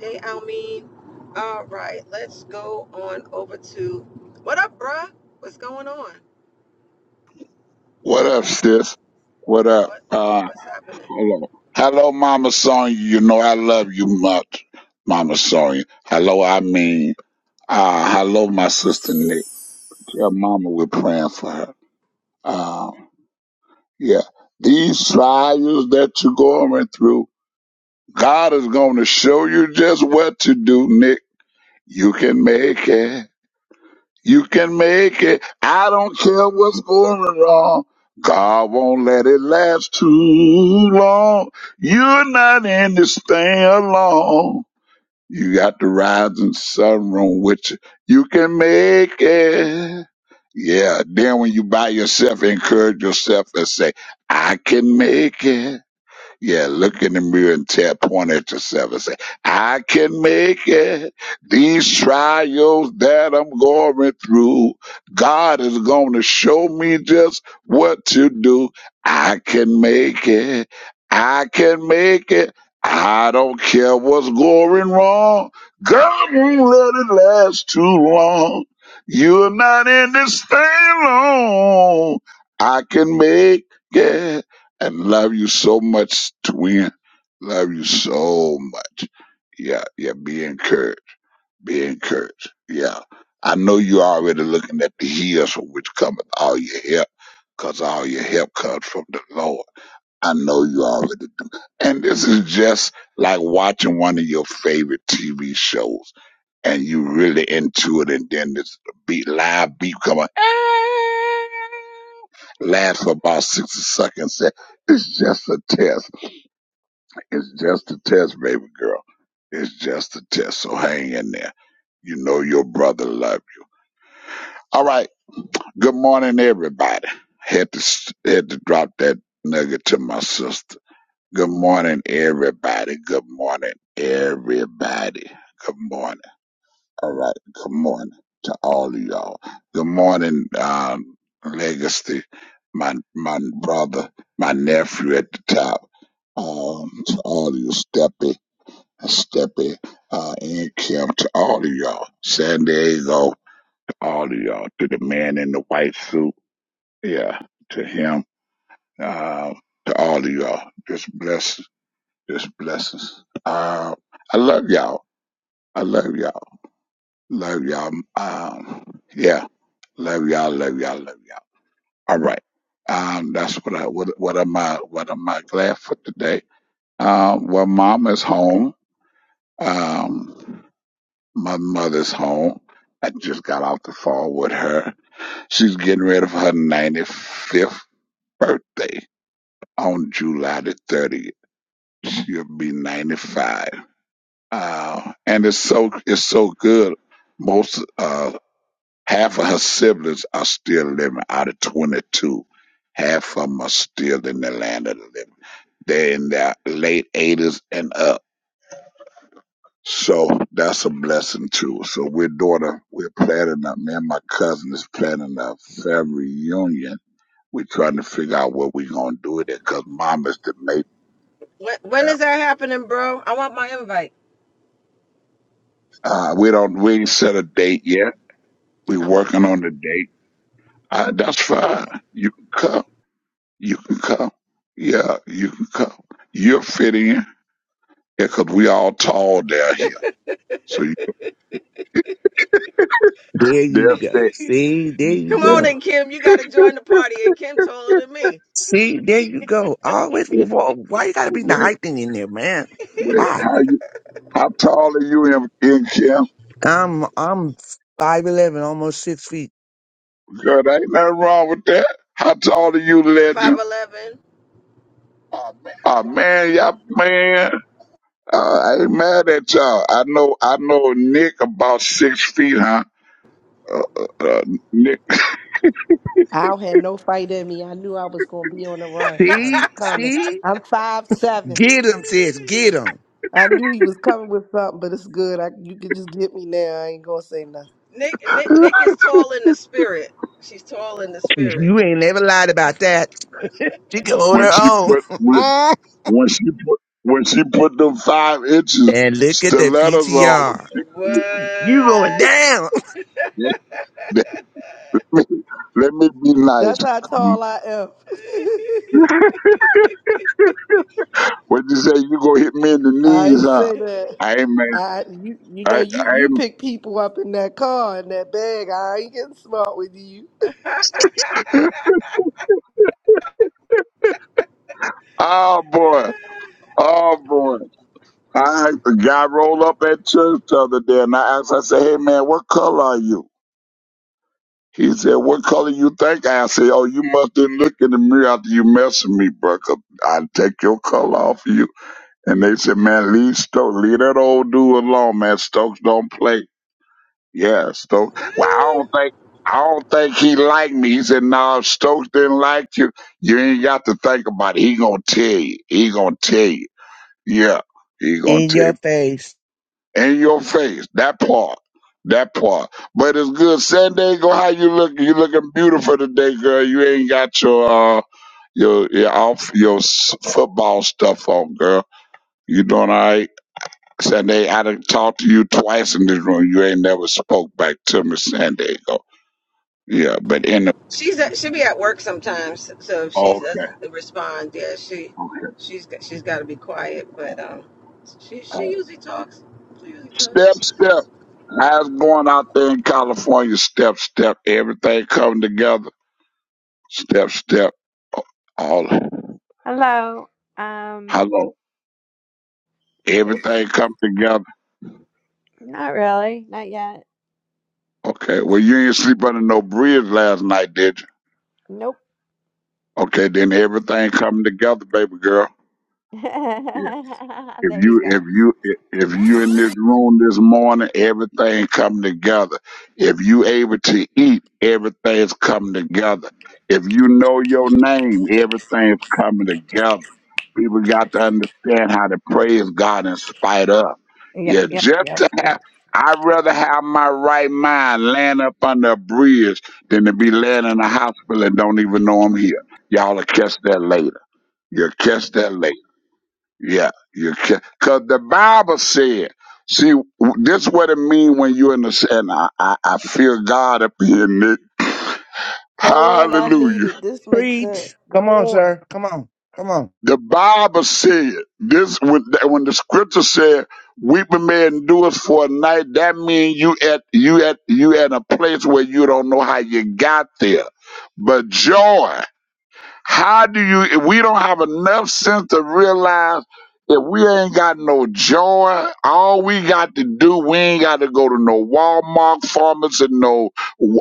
A: Hey, Almeen. All right. Let's go on over to what up, bruh? What's going on?
H: What up, sis? What up?
A: What
H: Uh,
A: What's happening?
H: hello. Hello, Mama Sonya. You know I love you much, Mama Sonya. Hello, I mean, uh, hello, my sister Nick. Tell Mama we're praying for her. Um, yeah. These trials that you're going through, God is going to show you just what to do, Nick. You can make it. You can make it. I don't care what's going wrong. God won't let it last too long. You're not in this thing alone. You got the rising sun room with you. You can make it. Yeah. Then when you by yourself, encourage yourself and say, I can make it. Yeah, look in the mirror and tell, point at yourself and say, I can make it. These trials that I'm going through, God is going to show me just what to do. I can make it. I can make it. I don't care what's going wrong. God won't let it last too long. You're not in this thing long. I can make it and love you so much, twin. Love you so much. Yeah, yeah, be encouraged. Be encouraged. Yeah. I know you are already looking at the hills from which cometh all your help, because all your help comes from the Lord. I know you already do. And this is just like watching one of your favorite TV shows and you really into it and then this beat live beat come on laugh for about 60 seconds say, it's just a test. It's just a test, baby girl. It's just a test. So hang in there. You know your brother love you. All right. Good morning, everybody. Had to s- had to drop that nugget to my sister. Good morning, everybody. Good morning, everybody. Good morning. All right. Good morning to all of y'all. Good morning, um, Legacy, my my brother, my nephew at the top. Um, to all of you, Steppy, Steppy, uh, and Kim, to all of y'all. San Diego, to all of y'all. To the man in the white suit. Yeah, to him. Um, to all of y'all. Just bless. Just blessings. Uh, I love y'all. I love y'all. Love y'all. Um, yeah. Love y'all. Love y'all. Love y'all. All right. Um, that's what I what, what am I what am I glad for today? Um, well, mom is home. Um, my mother's home. I just got off the phone with her. She's getting ready for her ninety fifth birthday on July the thirtieth. She'll be ninety five. Uh, and it's so it's so good. Most uh, half of her siblings are still living. Out of twenty two, half of them are still in the land of the living. They're in their late eighties and up. So that's a blessing too. So we're daughter, we're planning a me and my cousin is planning a family reunion. We're trying to figure out what we're gonna do with it because mom is the mate.
A: When, when is that happening, bro? I want my invite.
H: Uh, we don't we ain't set a date yet. We're
A: I want
H: working
A: to know.
H: on the date Uh, that's fine. You can come. You can come. Yeah, you can come. You're fitting in because we all tall down here. So you,
I: There
H: they'll
I: you go.
H: say,
I: See, there
H: you-
I: you
A: Come on
I: go.
H: they'll,
A: in, Kim. You got to join the party. And Kim taller than me.
I: See, there you go. Always, why why you gotta be the
H: wait,
I: height thing in there, man?
H: wait,
I: Why?
H: how you, how tall are you in, in camp?
I: I'm I'm five eleven, almost six feet.
H: Girl, there ain't nothing wrong with that. How tall are you, legend?
A: 5'11.
H: Oh man, y'all, man, uh, I ain't mad at y'all. I know, I know Nick about six feet, huh? Uh, uh, uh, Nick,
F: I don't had no fight in me. I knew I was going to be on the run. I was
I: See,
F: coming.
I: see,
F: I'm five seven.
I: get 'em, sis, get 'em.
F: I knew he was coming with something, but it's good. I, you can just get me now. I ain't going to say nothing.
A: Nick, Nick, Nick is tall in the spirit. She's tall in the spirit.
I: You ain't never lied about that. She can hold
H: when
I: her
H: she put, when
I: own.
H: When she put when she put them five inches
I: and look at the
H: stilettos on,
I: PTR.
A: What?
I: You going down
H: let me, let me be nice.
F: That's how tall I am.
H: What you say? You gonna hit me in the
F: I
H: knees,
F: ain't
H: huh?
F: say that.
H: I ain't man.
F: I you you know
H: I
F: you
H: I
F: you
H: ain't.
F: pick people up in that car in that bag. I ain't getting smart with you.
H: Oh boy. Oh boy. I the guy rolled up at church the other day, and I asked. I said, "Hey man, what color are you?" He said, "What color you think?" I said, "Oh, you must didn't look in the mirror after you messed with me, bro. 'cause I'll take your color off you." And they said, man, leave Stokes, leave that old dude alone, man. Stokes don't play. Yeah, Stokes. Well, I don't think, I don't think he liked me. He said, no, if Stokes didn't like you, you ain't got to think about it. He gonna tell you. He gonna tell you. Yeah, he gonna
I: in
H: tell
I: your
H: you.
I: face.
H: In your face, that part. That part. But it's good. San Diego, how you look? You looking beautiful today, girl. You ain't got your, uh, your, your off, your s- football stuff on, girl. You doing all right? Sandy, I done talked to you twice in this room. You ain't never spoke back to me, San Diego. Yeah, but in the
A: she's at, she be at work sometimes, so if she
H: okay,
A: doesn't respond, yeah, she
H: okay.
A: she's got- she's got to be quiet. But um, she
H: All
A: she
H: right.
A: usually talks. She usually talks.
H: Step, step. How's it going out there in California? Step, step. Everything coming together. Step, step. Oh, All
J: Hello. Um,
H: hello.
J: it's
H: Everything come together.
J: not really, not yet.
H: Okay. Well, you ain't sleep under no bridge last night, did you?
J: Nope.
H: Okay. Then everything coming together, baby girl.
J: there
H: Yeah. If
J: you
H: you
J: go.
H: if you if you in this room this morning, everything come together. If you able to eat, everything's coming together. If you know your name, everything's coming together. People got to understand how to praise God in spite of.
J: Yep,
H: Yeah,
J: yep,
H: just
J: yep,
H: to have
J: yep.
H: I'd rather have my right mind land up under a bridge than to be laying in a hospital and don't even know I'm here. Y'all will catch that later. You'll catch that later. Yeah, you can, cause the Bible said. See, w- this what it mean when you in the s- and I, I, I feel God up here, Nick.
F: Cohen, I need
H: Hallelujah.
F: it. This makes sense.
I: Preach. Come on,
F: Go on.
I: sir. Come on. Come on.
H: The Bible said this when, that- when the Scripture said weeping may endure us for a night. That mean you at you at you at a place where you don't know how you got there, but joy. How do you, if we don't have enough sense to realize if we ain't got no joy, all we got to do, we ain't got to go to no Walmart pharmacy, no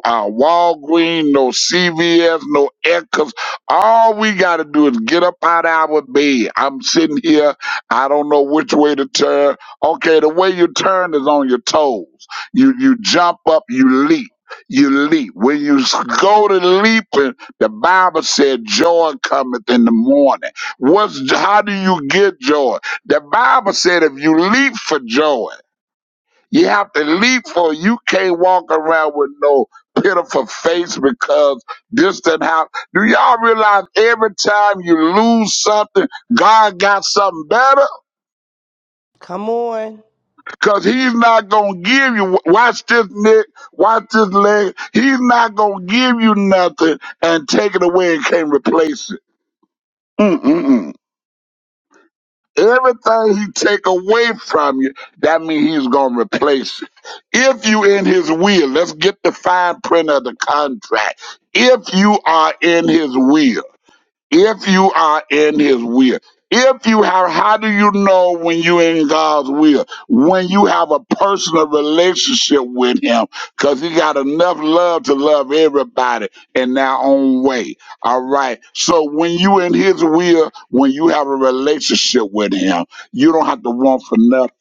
H: uh, Walgreens, no CVS, no Echoes. All we got to do is get up out of our bed. I'm sitting here, I don't know which way to turn. Okay, the way you turn is on your toes. You, you jump up, you leap. You leap. When you s- go to leaping, the Bible said joy cometh in the morning. What's how do you get joy? The Bible said if you leap for joy, you have to leap for you can't walk around with no pitiful face because this and how do y'all realize every time you lose something, God got something better?
F: Come on.
H: Cause he's not gonna give you watch this neck, watch this leg. He's not gonna give you nothing and take it away and can't replace it. Mm-mm-mm. Everything he take away from you, that means he's gonna replace it. If you in his will, let's get the fine print of the contract. If you are in his will if you are in his will if you have how do you know when you're in god's will when you have a personal relationship with him because he got enough love to love everybody in their own way all right so when you in his will when you have a relationship with him you don't have to want for nothing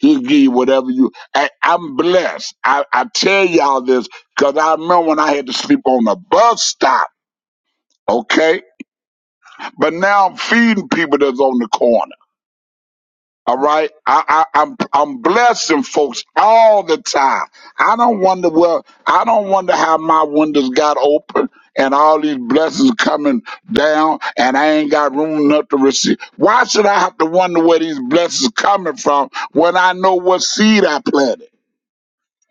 H: He'll give you whatever you. I, I'm blessed. I, I tell y'all this because I remember when I had to sleep on a bus stop. Okay, but now I'm feeding people that's on the corner. All right, I, I, I'm I'm blessing folks all the time. I don't wonder well. I don't wonder how my windows got open and all these blessings coming down, and I ain't got room enough to receive. Why should I have to wonder where these blessings coming from when I know what seed I planted?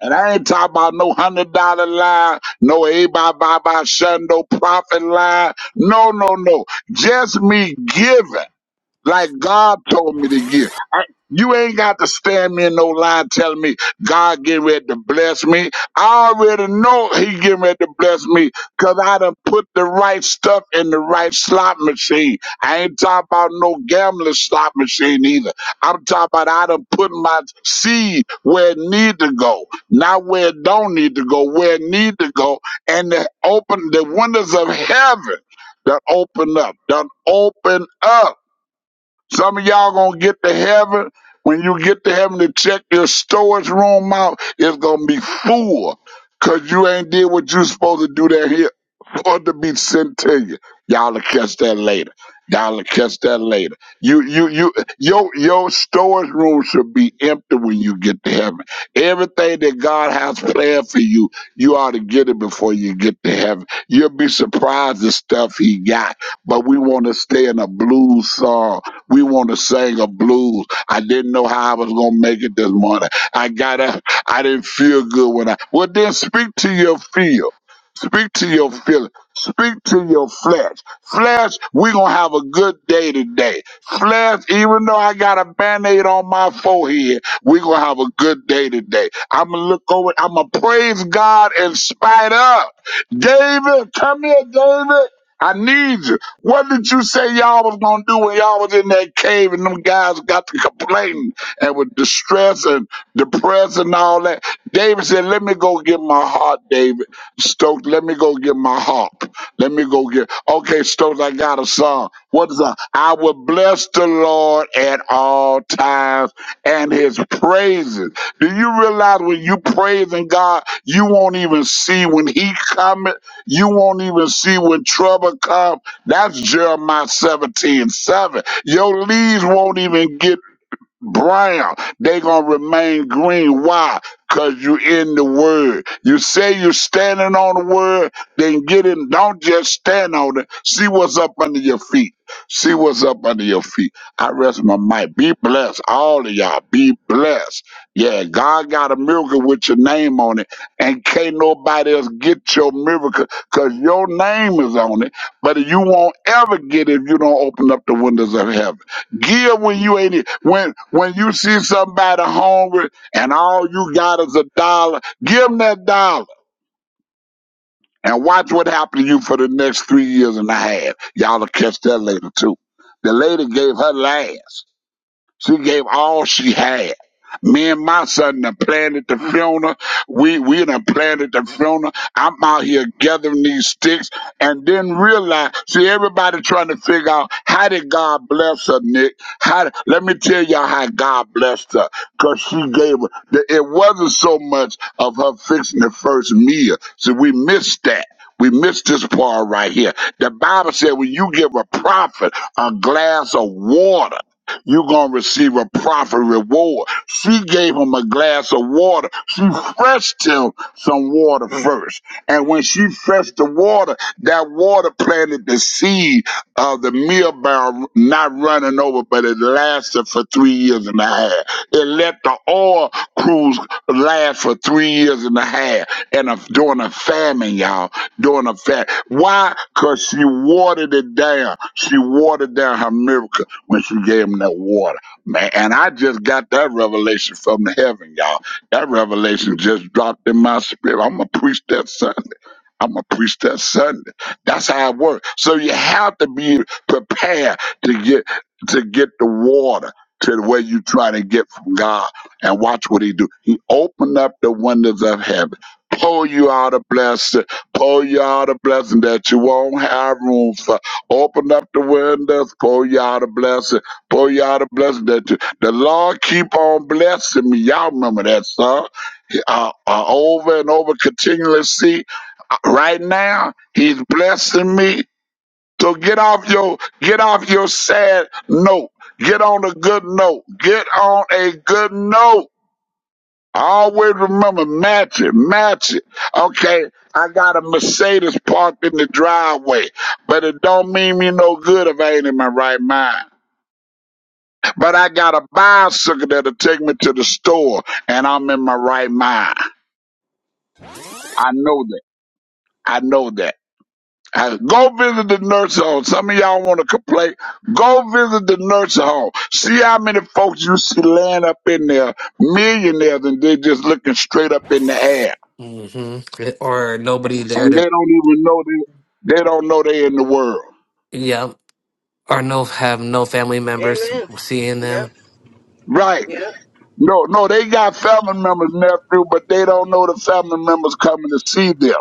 H: And I ain't talking about no hundred dollar line, no Abba Baba Shundo profit line. No, no, no. Just me giving like God told me to give. I, you ain't got to stand me in no line telling me God getting ready to bless me. I already know He getting ready to bless me because I done put the right stuff in the right slot machine. I ain't talking about no gambling slot machine either. I'm talking about I done put my seed where it need to go, not where it don't need to go, where it need to go, and the open the windows of heaven. do open up. do open up. Some of y'all gonna get to heaven. When you get to heaven to check your storage room out, it's gonna be full. Cause you ain't did what you supposed to do down here for it to be sent to you. Y'all will catch that later. Y'all will catch that later. You you you your your storage room should be empty when you get to heaven. Everything that God has planned for you, you ought to get it before you get to heaven. You'll be surprised the stuff he got. But we want to stay in a blues song we want to sing a blues. I didn't know how I was going to make it this morning. I got up. I didn't feel good when I. Well, then speak to your feel. Speak to your feeling. Speak to your flesh. Flesh, we going to have a good day today. Flesh, even though I got a band aid on my forehead, we going to have a good day today. I'm going to look over. I'm going to praise God in spite of. David, come here, David. I need you. What did you say y'all was gonna do when y'all was in that cave and them guys got to complaining and with distress and depressed and all that? David said, Let me go get my heart, David. Stokes, let me go get my harp. Let me go get okay, Stokes, I got a song. What is that? I will bless the Lord at all times and his praises. Do you realize when you praising God, you won't even see when he cometh, you won't even see when trouble comes that's Jeremiah 17 7. Your leaves won't even get brown. They gonna remain green. Why? Cause you in the word. You say you're standing on the word, then get in. Don't just stand on it. See what's up under your feet. See what's up under your feet. I rest my mic. Be blessed, all of y'all. Be blessed. Yeah, God got a miracle with your name on it, and can't nobody else get your miracle cause your name is on it. But you won't ever get it if you don't open up the windows of heaven. Give when you ain't it. When when you see somebody hungry and all you got is a dollar, give them that dollar and watch what happens to you for the next three years and a half. Y'all will catch that later too. The lady gave her last. She gave all she had. Me and my son done planted the funeral. We we done planted the funeral. I'm out here gathering these sticks and didn't realize. See, everybody trying to figure out how did God bless her, Nick? How? did- Let me tell y'all how God blessed her. Cause she gave her. the- It wasn't so much of her fixing the first meal. So we missed that. We missed this part right here. The Bible said when you give a prophet a glass of water. You're going to receive a proper reward. She gave him a glass of water. She fetched him some water first. And when she fetched the water, that water planted the seed of the meal barrel not running over, but it lasted for three years and a half. It let the oil cruise last for three years and a half. And a, during a famine, y'all, during a famine. Why? Because she watered it down. She watered down her miracle when she gave him that water. Man, and I just got that revelation from the heaven, y'all. That revelation just dropped in my spirit. I'm gonna preach that son. I'm a preach that Sunday. That's how it works. So you have to be prepared to get to get the water to where you try to get from God. And watch what He do. He opened up the windows of heaven, pull you out a blessing, pull you out a blessing that you won't have room for. Open up the windows, pull you out a blessing, pull you out a blessing that you. The Lord keep on blessing me. Y'all remember that song? Uh, uh, over and over, continually see right now he's blessing me so get off your get off your sad note get on a good note get on a good note always remember match it match it okay i got a mercedes parked in the driveway but it don't mean me no good if i ain't in my right mind but i got a bicycle that'll take me to the store and i'm in my right mind i know that i know that Uh, Go visit the nursing home. Some of y'all want to complain. Go visit the nursing home. See how many folks you see laying up in there, millionaires, and they just looking straight up in the air,
C: hmm Or nobody there
H: and they
C: to
H: don't even know they they don't know they in the world.
C: yeah. Or no have no family members
A: Amen.
C: seeing
A: Yep.
C: them.
H: Right?
A: Yep.
H: No, no, they got family members, nephew, but they don't know the family members coming to see them.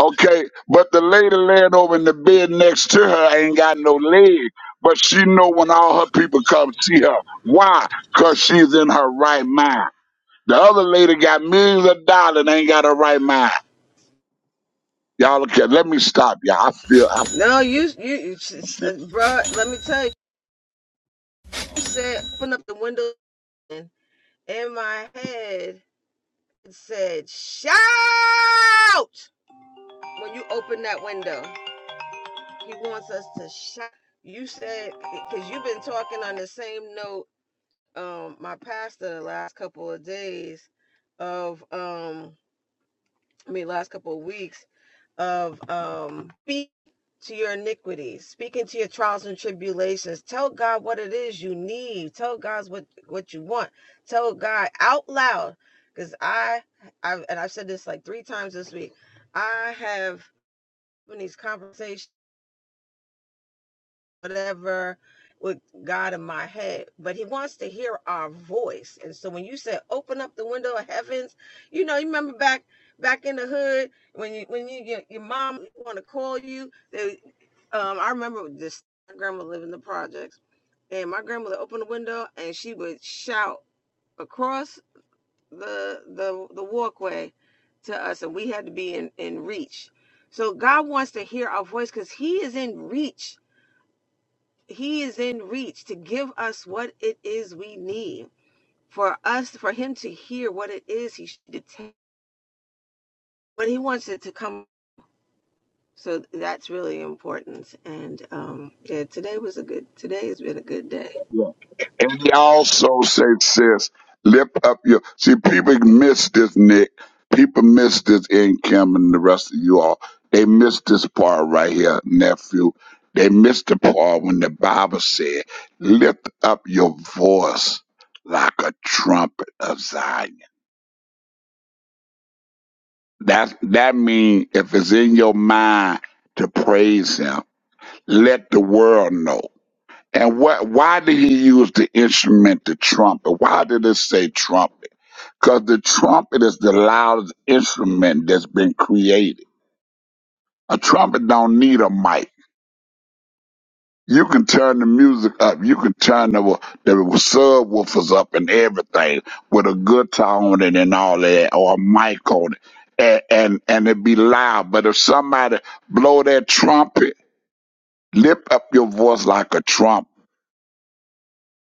H: Okay, but the lady laying over in the bed next to her ain't got no leg, but she know when all her people come see her. Why? Cause she's in her right mind. The other lady got millions of dollars and ain't got her right mind. Y'all okay? Let me stop. y'all. I feel I
A: No, you you, you
H: feel.
A: bruh, Let me tell you. You said open up the window. in my head it said shout when you open that window he wants us to shout you said because you've been talking on the same note um my pastor the last couple of days of um i mean last couple of weeks of um speak to your iniquities, speaking to your trials and tribulations. Tell God what it is you need. Tell God what what you want. Tell God out loud. Because I I've and I've said this like three times this week. I have in these conversations whatever with God in my head, but He wants to hear our voice. And so when you said open up the window of heavens, you know, you remember back back in the hood when you when you your, your mom want to call you. They, um, I remember this my grandma lived in the projects, and my grandmother opened the window and she would shout across the the the walkway to us and we had to be in in reach so god wants to hear our voice because he is in reach he is in reach to give us what it is we need for us, for Him to hear what it is He should detect, but He wants it to come. So that's really important. And um, yeah, today was a good. Today has been a good day.
H: Yeah. And he also said, sis, lift up your. See, people miss this, Nick. People miss this in Kim and the rest of you all. They miss this part right here, nephew. They miss the part when the Bible said, lift up your voice like a trumpet of Zion. That, that means if it's in your mind to praise him, let the world know. And what? Why did he use the instrument, the trumpet? Why did it say trumpet? Because the trumpet is the loudest instrument that's been created. A trumpet don't need a mic. You can turn the music up. You can turn the the subwoofers up and everything with a guitar on it and all that, or a mic on it, and and, and it be loud. But if somebody blow that trumpet, lift up your voice like a trumpet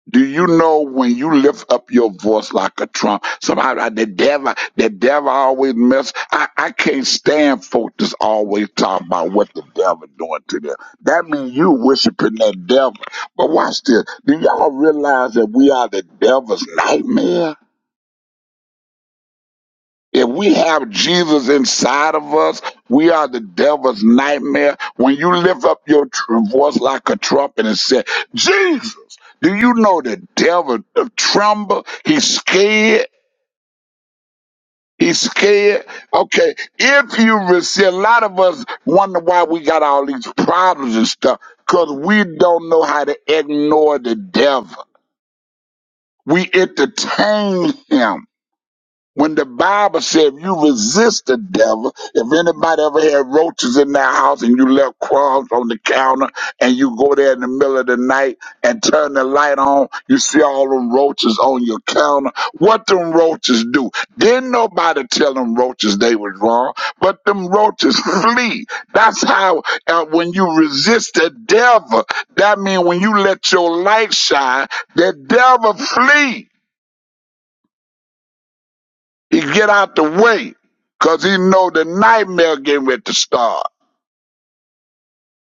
H: Do you know when you lift up your voice like a trump? Somehow the devil, the devil always mess. I, I can't stand folks that's always talking about what the devil doing to them. That means you worshiping that devil. But watch this. Do y'all realize that we are the devil's nightmare? If we have Jesus inside of us, we are the devil's nightmare. When you lift up your tr- voice like a trumpet and say, Jesus, do you know the devil tremble? He's scared. He's scared. Okay. If you re- see, a lot of us wonder why we got all these problems and stuff because we don't know how to ignore the devil. We entertain him. When the Bible said, if you resist the devil, if anybody ever had roaches in their house and you left crumbs on the counter and you go there in the middle of the night and turn the light on, you see all them roaches on your counter. What them roaches do? Didn't nobody tell them roaches they was wrong, but them roaches flee. That's how, uh, when you resist the devil, that means when you let your light shine, the devil flee. He get out the way because he know the nightmare getting ready to start.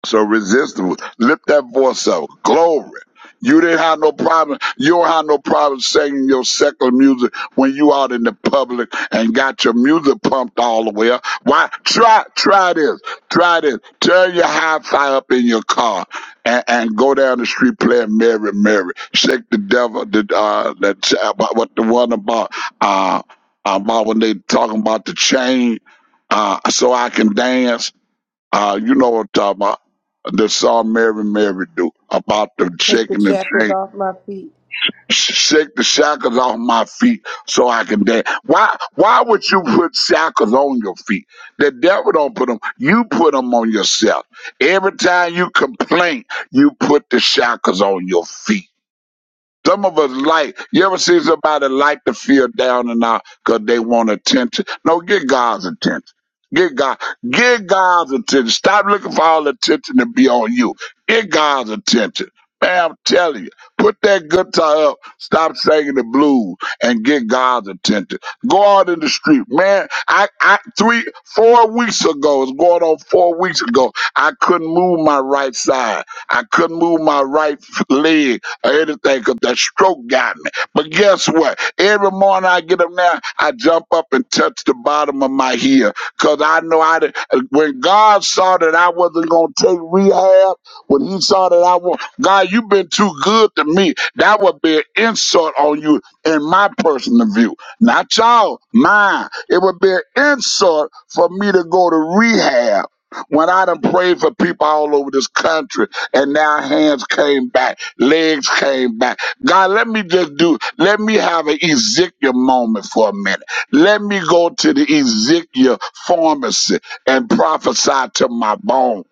H: So resist, them. lift that voice up. Glory. You didn't have no problem. You don't have no problem singing your secular music when you out in the public and got your music pumped all the way up. Why? Try, try this. Try this. Turn your hi-fi up in your car and, and go down the street playing Mary, Mary. Shake the devil. The, uh, that, about what the one about, uh, about when they talking about the chain, uh, so I can dance. Uh, you know what I'm talking about. The song Mary Mary do about the
F: Take the
H: shaking the
F: shackles
H: chain.
F: off my feet.
H: Sh- Shake the shackles off my feet so I can dance. Why? Why would you put shackles on your feet? The devil don't put them. You put them on yourself. Every time you complain, you put the shackles on your feet. Some of us like, you ever see somebody like to feel down and out because they want attention? No, get God's attention. Get God, get God's attention. Stop looking for all the attention to be on you. Get God's attention. Man, I'm telling you, put that guitar up, stop singing the blues, and get God's attention. Go out in the street, man. I, I, three, four weeks ago, it's going on four weeks ago. I couldn't move my right side. I couldn't move my right leg or anything because that stroke got me. But guess what? Every morning I get up now, I jump up and touch the bottom of my heel because I know I did, when God saw that I wasn't going to take rehab, when He saw that I was, God, you've been too good to me. That would be an insult on you in my personal view. Not y'all, mine. It would be an insult for me to go to rehab when I done prayed for people all over this country, and now hands came back, legs came back. God, let me just do, let me have an Ezekiel moment for a minute. Let me go to the Ezekiel pharmacy and prophesy to my bones.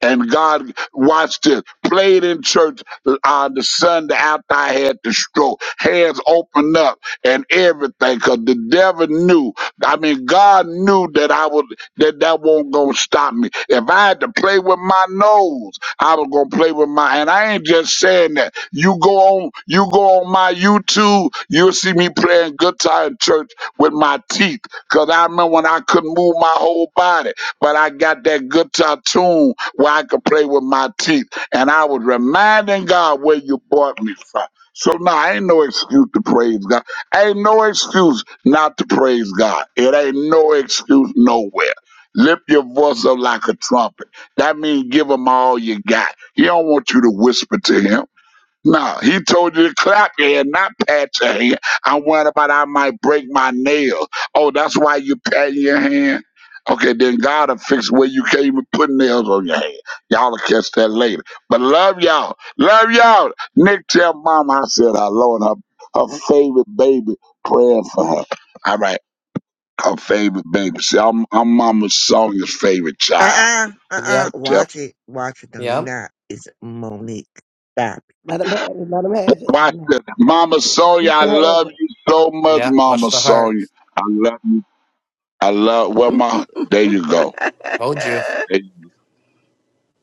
H: And God, watch this, played in church uh, the Sunday after I had the stroke. Hands opened up and everything, because the devil knew. I mean, God knew that I was that that won't gonna stop me. If I had to play with my nose, I was gonna play with my. And I ain't just saying that. You go on, you go on my YouTube, you'll see me playing guitar in church with my teeth. Cause I remember when I couldn't move my whole body, but I got that guitar tune where I could play with my teeth. And I was reminding God where you brought me from. So now nah, ain't no excuse to praise God. Ain't no excuse not to praise God. It ain't no excuse nowhere. Lift your voice up like a trumpet. That means give him all you got. He don't want you to whisper to him. No, he told you to clap your hand, not pat your hand. I'm worried about I might break my nail. Oh, that's why you pat your hand? Okay, then God will fix where you can't even put nails on your hand. Y'all will catch that later. But love y'all. Love y'all. Nick tell mama I said hello and her, her favorite baby praying for her. All right her favorite baby. See, I'm, I'm Mama Sonia's favorite child.
I: Uh-uh, uh-uh.
C: Yep.
H: But tell
I: Watch it. Watch it. No, you're
C: Yep.
I: not. It's Monique. Stop. it.
F: Let him have it. Let him have it. Let
H: watch
F: him have it.
H: this. Mama Sonia,
F: He
H: I
F: can have
H: love
F: it.
H: you so much,
C: Yeah. Watch
H: Mama
C: the heart.
H: Sonia. I love you. I love well my there you go.
C: Told you.
H: There you-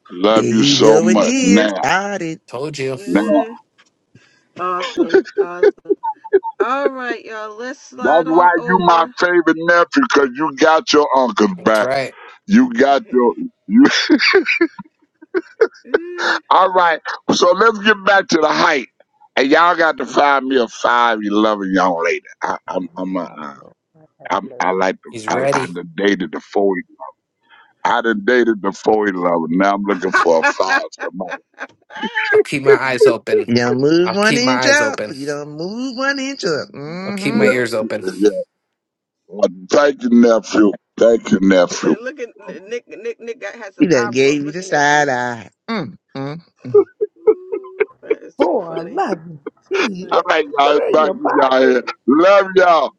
H: Love
I: There
H: you
I: he
H: so
I: go
H: much.
I: again.
H: Now,
I: Start it.
C: Told you.
H: now.
A: Mm, awesome, awesome. All right, y'all. Let's
H: That's
A: slide on
H: why you my
A: over.
H: favorite nephew, cause you got your uncle's
C: That's
H: back.
C: right.
H: You got your you
A: Mm.
H: all right. So let's get back to the height. And y'all got to find me a five eleven young lady. I, I'm I'm a,
F: My
H: uh,
F: Lord, have
H: I'm, I like the,
C: He's
F: mercy.
H: I, I
C: ready.
H: done dated the four. I done dated the four eleven. Now I'm looking for a five. Somebody.
C: I'll keep my eyes open.
I: You not move
C: I'll
I: one
C: keep my
I: inch
C: eyes
I: up,
C: open.
I: but you don't move one inch up.
C: I'll keep my
I: Mm-hmm.
H: Yeah,
C: ears open.
H: yeah. Well, thank you, nephew. Thank you,
A: look,
H: nephew.
A: looking. Nick, Nick, Nick got had
I: He
A: some
I: done
A: eyeballs
I: gave you the
A: looking at you.
I: side eye. Mm, mm, mm.
A: Ooh, That is too
F: For
A: funny.
F: loving
A: Too
F: Jesus,
H: All
A: funny.
H: right,
F: put
H: y'all.
F: it in
H: Back
F: your
H: to y'all here.
F: pocket.
H: Love y'all.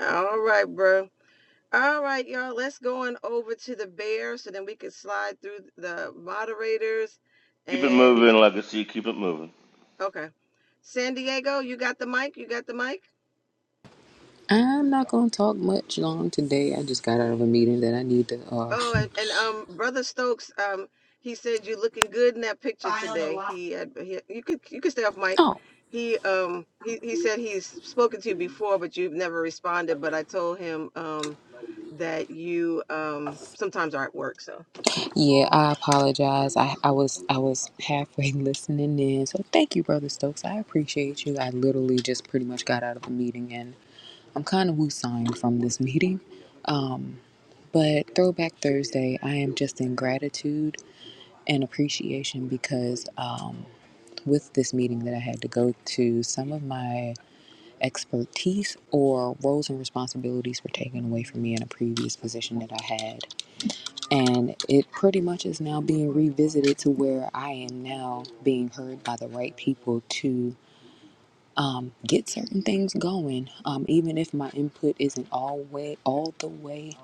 A: All right, bro. All right, y'all. Let's go on over to the bear so then we can slide through the moderators.
D: Keep it
A: And
D: moving, legacy. Keep it moving.
A: okay. San Diego, you got the mic? You got the mic?
G: Um.
A: Oh, and, and um, Brother Stokes, um, he said you're looking good in that picture today.
C: Yeah,
A: He had he, you could you could stay off mic.
G: Oh,
A: He um he, he said he's spoken to you before, but you've never responded. But I told him um that you um sometimes are at work. So
G: yeah. I apologize. I, I was I was halfway listening in. So thank you, brother Stokes. I appreciate you. I literally just pretty much got out of the meeting, and I'm kind of woo-signed from this meeting. Um. But Throwback Thursday, I am just in gratitude and appreciation because um, with this meeting that I had to go to, some of my expertise or roles and responsibilities were taken away from me in a previous position that I had. And it pretty much is now being revisited to where I am now being heard by the right people to um, get certain things going. Um, even if my input isn't all way, all the way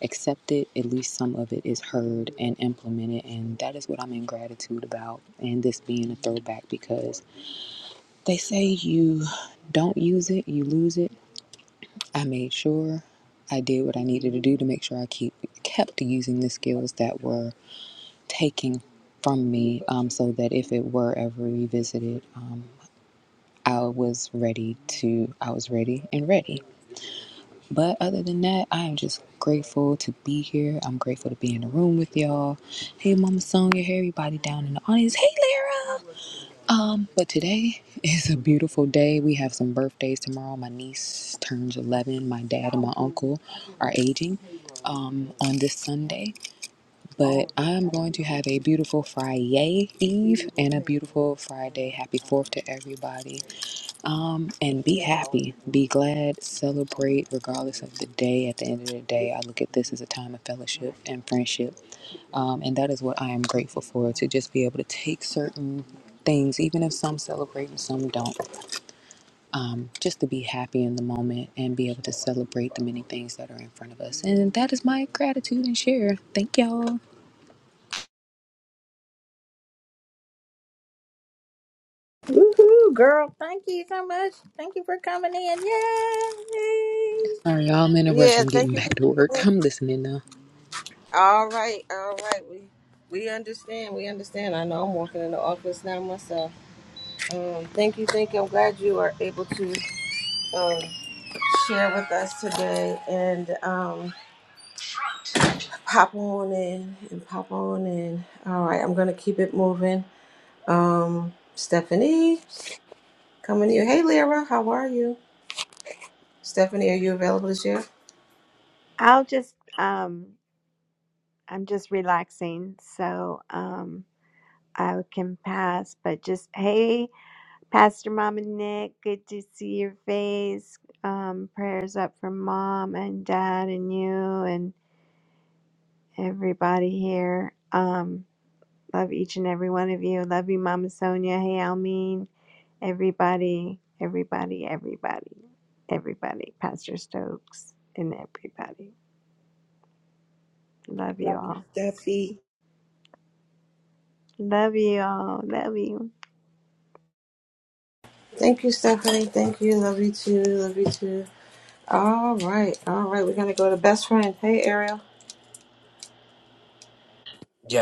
G: accepted, at least some of it is heard and implemented. And that is what I'm in gratitude about. And this being a throwback because they say you don't use it, you lose it. I made sure I did what I needed to do to make sure I keep kept using the skills that were taking from me um, so that if it were ever revisited, um, I was ready to, I was ready and ready. But other than that, I am just grateful to be here. I'm grateful to be in the room with y'all. Hey, Mama Sonia, hey, everybody down in the audience. Hey, Lara. Um, but today is a beautiful day. We have some birthdays tomorrow. My niece turns 11. My dad and my uncle are aging um, on this Sunday. But I'm going to have a beautiful Friday Eve and a beautiful Friday. Happy Fourth to everybody. Um, and be happy, be glad, celebrate regardless of the day. At the end of the day, I look at this as a time of fellowship and friendship. Um, and that is what I am grateful for to just be able to take certain things, even if some celebrate and some don't, um, just to be happy in the moment and be able to celebrate the many things that are in front of us. And that is my gratitude and share. Thank y'all.
E: Woohoo, girl. Thank you so much. Thank you for coming in. Yay.
G: Sorry, y'all, I'm in a rush. I'm
A: Yeah, thank
G: getting
A: you.
G: back to work. I'm listening now.
A: All right, all right. We we understand. We understand. I know I'm walking in the office now myself. Um, thank you, thank you. I'm glad you are able to um, share with us today. And um, pop on in and pop on in. All right, I'm gonna keep it moving. Um, Stephanie, coming to you. Hey, Lyra, how are you? Stephanie, are you available to share?
J: I'll just um I'm just relaxing, so um I can pass, but just hey, Pastor Mom and Nick, good to see your face. Um, prayers up for mom and dad and you and everybody here. Um, love each and every one of you. Love you, Mama Sonia. Hey, Almeen. Everybody, everybody, everybody, everybody, Pastor Stokes and everybody. Love you
F: Love you,
J: all.
F: Steffi.
J: Love you all. Love you.
A: Thank you, Stephanie. Thank you. Love you too. Love you too. All right, all right. We're gonna go to best friend. Hey, Ariel.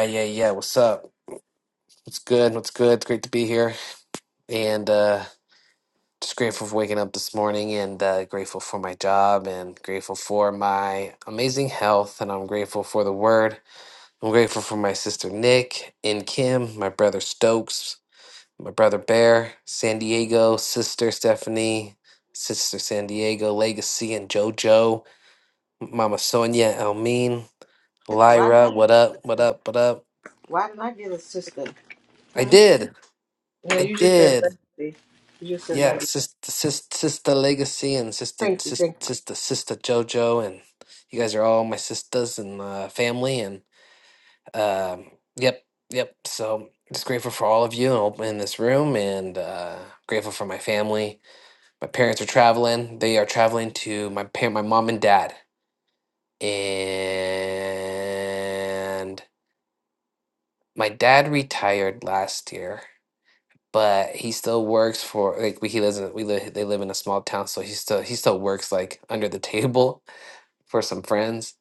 C: yeah, yeah. What's up? What's good? What's good? It's great to be here. And uh, just grateful for waking up this morning and uh, grateful for my job and grateful for my amazing health. And I'm grateful for the word. I'm grateful for my sister Nick and Kim, my brother Stokes, my brother Bear, San Diego, sister Stephanie, sister San Diego, Legacy, and JoJo, Mama Sonia, Elmeen,
A: Why did
C: Lyra.
A: I get
C: What
A: a
C: up? What
A: sister?
C: up? What up?
A: Why did I get a sister?
C: I
A: Hmm?
C: did.
A: No,
C: I
A: you just said
C: did.
A: legacy. You just said
C: Yeah,
A: legacy.
C: sister, sister, sister Legacy and sister,
A: Thank you,
C: sister,
A: thank
C: sister, sister JoJo, and you guys are all my sisters and uh, family. And um, yep, yep. So just grateful for all of you and open in this room, and uh, grateful for my family. My parents are traveling. They are traveling to my parent, my mom and dad, and my dad retired last year but he still works for like we- he lives in we live they live in a small town so he still he still works like under the table for some friends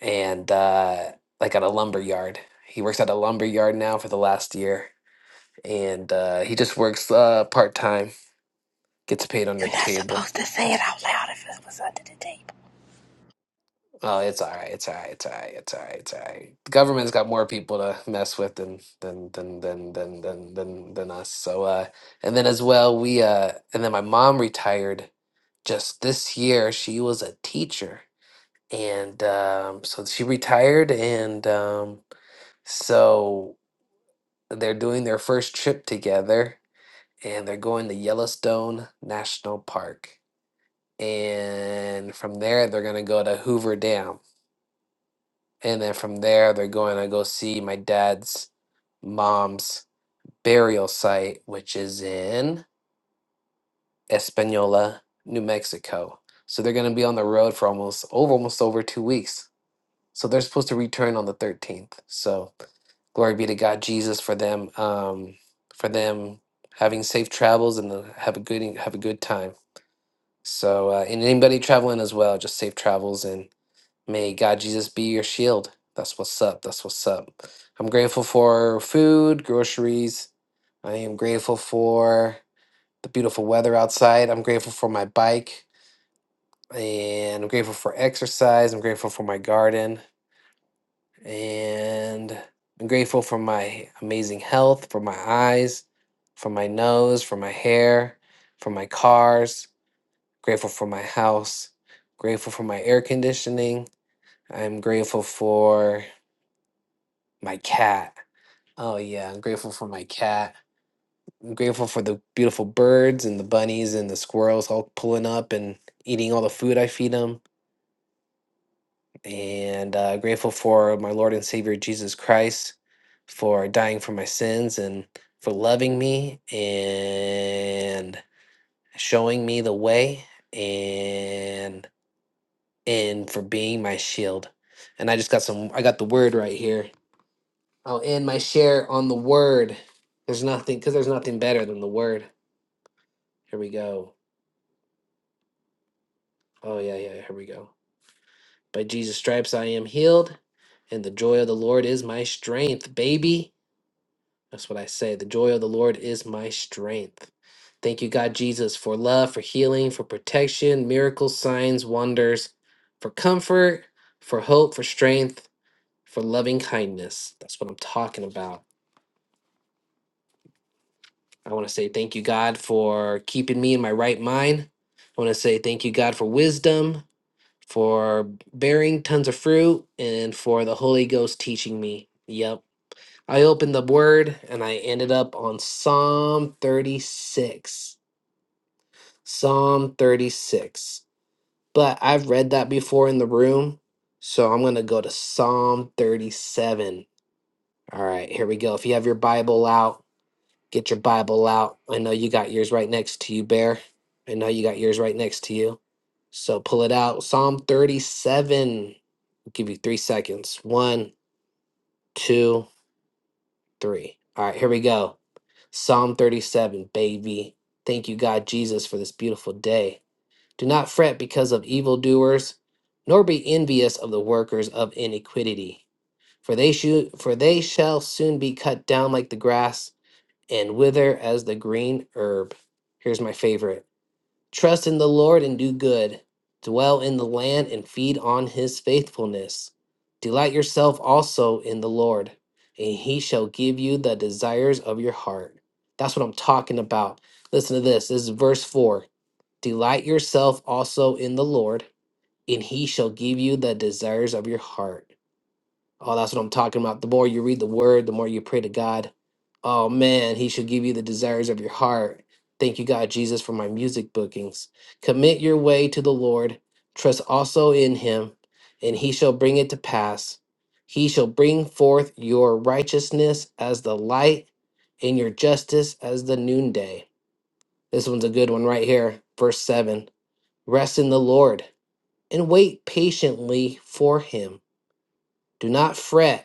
C: and uh like at a lumber yard he works at a lumber yard now for the last year and uh he just works uh part-time gets paid under
F: You're
C: the
F: not
C: table
F: supposed to say it out loud if it was under the table.
C: oh it's all right it's all right it's all right it's all right it's all right the government's got more people to mess with than than than than than than than, than us so uh and then as well we uh and then my mom retired just this year she was a teacher and um, so she retired and um, so they're doing their first trip together and they're going to yellowstone national park and from there they're going to go to hoover dam and then from there they're going to go see my dad's mom's burial site which is in espanola new mexico so they're going to be on the road for almost over almost over two weeks So they're supposed to return on the 13th. So glory be to God, Jesus, for them, um, for them having safe travels and the, have a good e, have a good time. So uh, and anybody traveling as well, just safe travels and may God Jesus be your shield. That's what's up. That's what's up. I'm grateful for food, groceries. I am grateful for the beautiful weather outside. I'm grateful for my bike and I'm grateful for exercise. I'm grateful for my garden. and I'm grateful for my amazing health, for my eyes, for my nose, for my hair, for my cars, grateful for my house, grateful for my air conditioning. I'm grateful for my cat. Oh, yeah, I'm grateful for my cat. I'm grateful for the beautiful birds and the bunnies and the squirrels all pulling up and eating all the food I feed them. and uh, grateful for my Lord and Savior Jesus Christ for dying for my sins and for loving me and showing me the way and and for being my shield. And I just got some. I got the word right here. I'll end my share on the word. There's nothing because there's nothing better than the word. Here we go. Oh yeah, yeah. Here we go. By Jesus' stripes I am healed, and the joy of the Lord is my strength, baby. That's what I say. The joy of the Lord is my strength. Thank you, God Jesus, for love, for healing, for protection, miracles, signs, wonders, for comfort, for hope, for strength, for loving kindness. That's what I'm talking about. I want to say thank you, God, for keeping me in my right mind. I want to say thank you, God, for wisdom, for bearing tons of fruit, and for the Holy Ghost teaching me. Yep I opened the word and I ended up on Psalm 36. Psalm 36. But I've read that before in the room, so I'm going to go to Psalm 37. All right, here we go. If you have your Bible out, get your Bible out. I know you got yours right next to you, Bear. I know you got yours right next to you. So pull it out. Psalm 37. I'll give you three seconds. One, two. three. All right, here we go. Psalm 37, baby. Thank you, God Jesus, for this beautiful day. Do not fret because of evildoers, nor be envious of the workers of iniquity, for they, shu- for they shall soon be cut down like the grass and wither as the green herb. Here's my favorite. Trust in the Lord and do good. Dwell in the land and feed on his faithfulness. Delight yourself also in the Lord, and he shall give you the desires of your heart. That's what I'm talking about. Listen to this. This is verse 4. Delight yourself also in the Lord, and he shall give you the desires of your heart. Oh, that's what I'm talking about. The more you read the word, the more you pray to God. Oh man, he should give you the desires of your heart. Thank you, God, Jesus, for my music bookings. Commit your way to the Lord. Trust also in him, and he shall bring it to pass. He shall bring forth your righteousness as the light and your justice as the noonday. This one's a good one right here. Verse 7 Rest in the Lord and wait patiently for him. Do not fret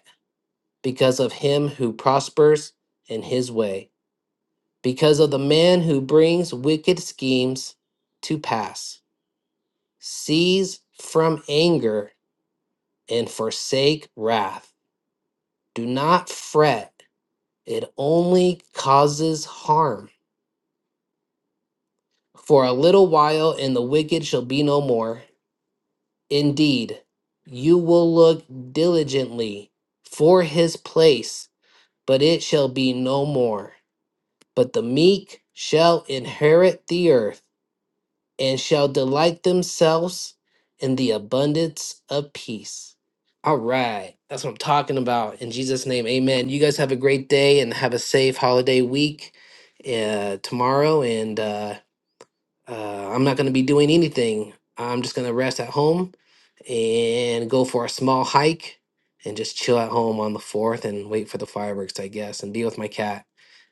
C: because of him who prospers in his way, because of the man who brings wicked schemes to pass. Cease from anger and forsake wrath. Do not fret, it only causes harm. For a little while, and the wicked shall be no more. Indeed, you will look diligently for his place, but it shall be no more. But the meek shall inherit the earth and shall delight themselves in the abundance of peace. All right. That's what I'm talking about. In Jesus' name, amen. You guys have a great day and have a safe holiday week uh, tomorrow. And uh, uh, I'm not going to be doing anything. I'm just going to rest at home and go for a small hike and just chill at home on the 4th and wait for the fireworks, I guess, and be with my cat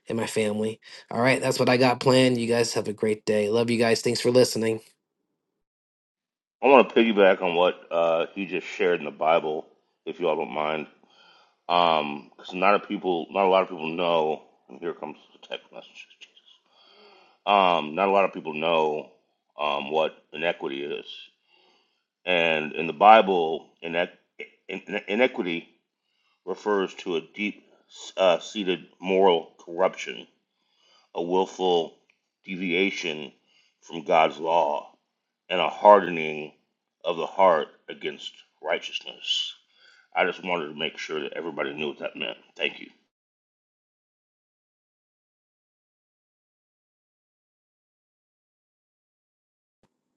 C: and my family. All right, that's what I got planned. You guys have a great day. Love you guys. Thanks for listening.
D: I want to piggyback on what uh, he just shared in the Bible, if you all don't mind, because um, not a people, not a lot of people know. And here comes the text message. Um, not a lot of people know um, what inequity is, and in the Bible, inequ- in, in- inequity refers to a deep uh, seated moral corruption a willful deviation from God's law, and a hardening of the heart against righteousness. I just wanted to make sure that everybody knew what that meant. Thank you.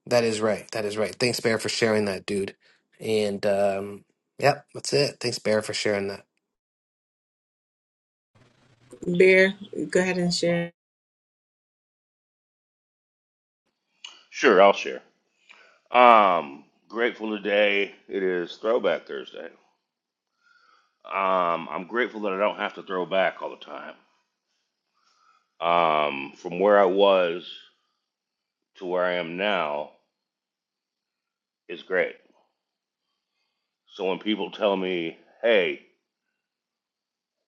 C: That is right. That is right. Thanks, Bear, for sharing that, dude. And um, yep, that's it. Thanks, Bear, for sharing that.
A: you. Bear, go ahead and share.
D: Sure, I'll share. Um, grateful today. It is Throwback Thursday. Um, I'm grateful that I don't have to throw back all the time. Um, from where I was to where I am now is great. So when people tell me, "Hey,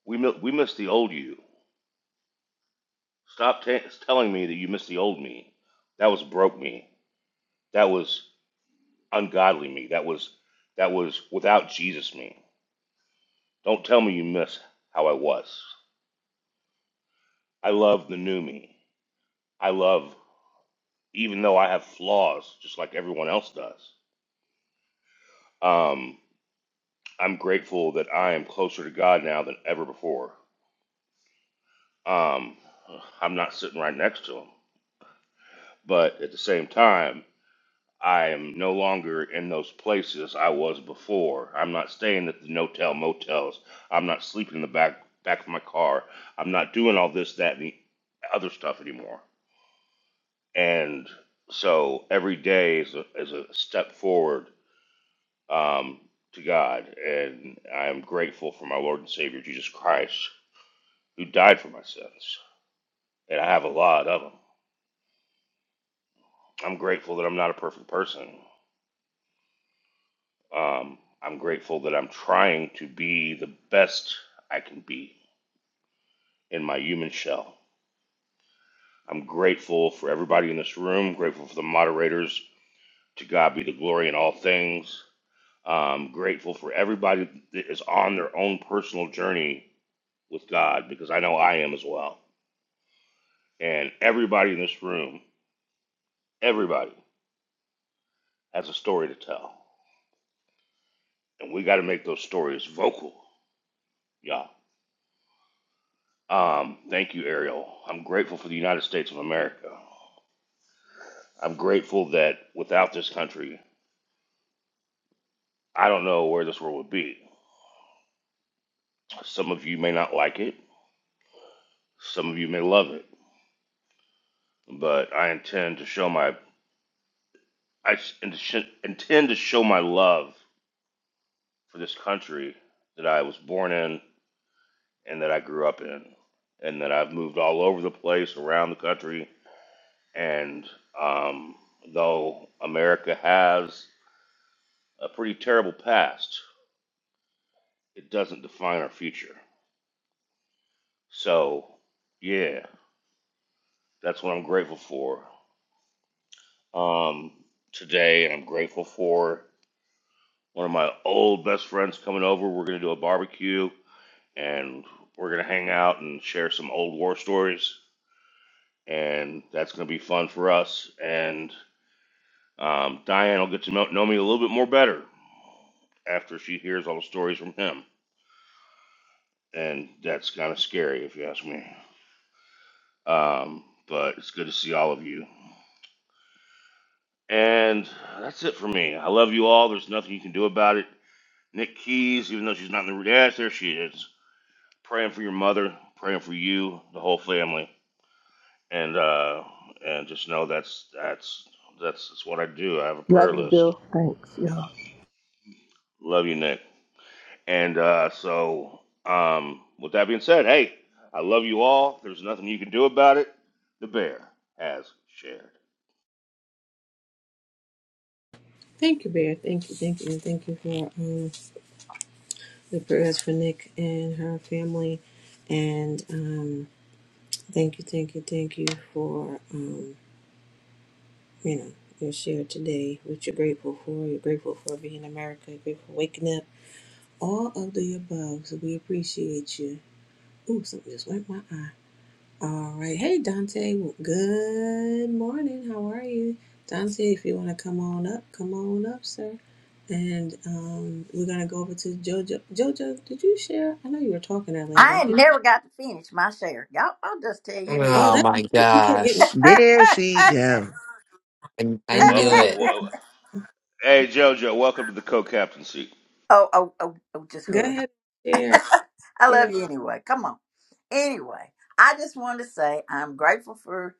D: we mi- we miss the old you," Stop t- telling me that you miss the old me. That was broke me. That was ungodly me. That was that was without Jesus me. Don't tell me you miss how I was. I love the new me. I love even though I have flaws just like everyone else does. Um I'm grateful that I am closer to God now than ever before. Um I'm not sitting right next to him, but at the same time I am no longer in those places I was before. I'm not staying at the no-tell motels. I'm not sleeping in the back back of my car. I'm not doing all this, that, and the other stuff anymore. And so every day is a, is a step forward um, to God, and I am grateful for my Lord and Savior Jesus Christ, who died for my sins, and I have a lot of them. I'm grateful that I'm not a perfect person. Um, I'm grateful that I'm trying to be the best I can be in my human shell. I'm grateful for everybody in this room, grateful for the moderators. To God be the glory in all things. Um, grateful for everybody that is on their own personal journey with God because I know I am as well. And everybody in this room, everybody has a story to tell. And we got to make those stories vocal, y'all. Um, thank you, Ariel. I'm grateful for the United States of America. I'm grateful that without this country, I don't know where this world would be. Some of you may not like it, some of you may love it, but I intend to show my I int- intend to show my love for this country that I was born in and that I grew up in, and that I've moved all over the place around the country. And um, though America has a pretty terrible past, it doesn't define our future. So, yeah, That's what I'm grateful for um, today, and I'm grateful for one of my old best friends coming over. We're gonna do a barbecue, and we're gonna hang out and share some old war stories, and that's gonna be fun for us. And um, Diane will get to know, know me a little bit more better after she hears all the stories from him, and that's kind of scary if you ask me. Um, but it's good to see all of you. And that's it for me. I love you all. There's nothing you can do about it. Nick Keys, even though she's not in the room. Yes, there she is. Praying for your mother, praying for you, the whole family, and uh, and just know that's that's that's that's what I do. I have a prayer
F: Love you,
D: list.
F: Bill. Thanks, y'all.
D: Love you, Nick. And uh, so, um, with that being said, hey, I love you all. There's nothing you can do about it. The bear has shared.
A: Thank you, Bear. Thank you, thank you, and thank you for um, the prayers for Nick and her family. And um, thank you, thank you, thank you for um, you know your share today. What you're grateful for? You're grateful for being in America. You're grateful for waking up. All of the above. So we appreciate you. Ooh, something just went my eye. All right. Hey, Dante. Well, good morning. How are you, Dante? If you want to come on up, come on up, sir. And um, we're gonna go over to Jojo. Jojo, did you share? I know you were talking earlier, but I
E: I
A: can't.
E: ain't never got to finish my share. Y'all, I'll just tell you what.
A: Oh,
C: Oh
A: that's
C: my
A: right. You kept getting.
C: gosh.
I: There she go.
C: I, I
A: I know
C: knew
D: Welcome to
A: you
D: the.
C: it.
A: kept.
D: Well, Hey, JoJo, welcome to the co-captaincy.
E: oh, oh, oh, oh, just
A: Go
E: hush.
A: ahead and share.
E: I love
A: Yeah.
E: you anyway. Come on. Anyway, I just wanted to say I'm grateful for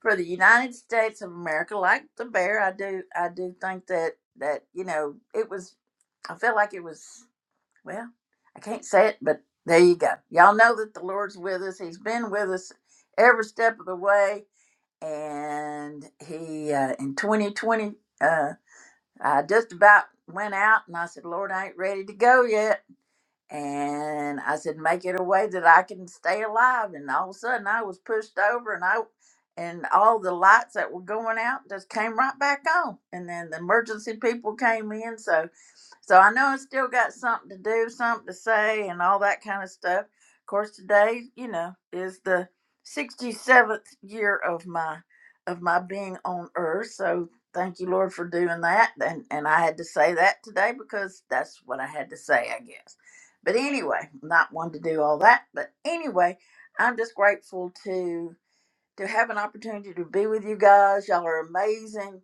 E: for the United States of America. Like the bear, I do I do think that that you know it was. I feel like it was well. I can't say it, but there you go. Y'all know that the Lord's with us. He's been with us every step of the way, and he uh, in 2020. Uh, I just about went out, and I said, "Lord, I ain't ready to go yet." and I said, "Make it a way that I can stay alive." And all of a sudden, I was pushed over, and I and all the lights that were going out just came right back on. And then the emergency people came in, so so I know I still got something to do, something to say, and all that kind of stuff. Of course, today, you know, is the sixty seventh year of my of my being on Earth, so. Thank you, Lord, for doing that. And, and I had to say that today because that's what I had to say, I guess. But anyway, not one to do all that. But anyway, I'm just grateful to to have an opportunity to be with you guys. Y'all are amazing.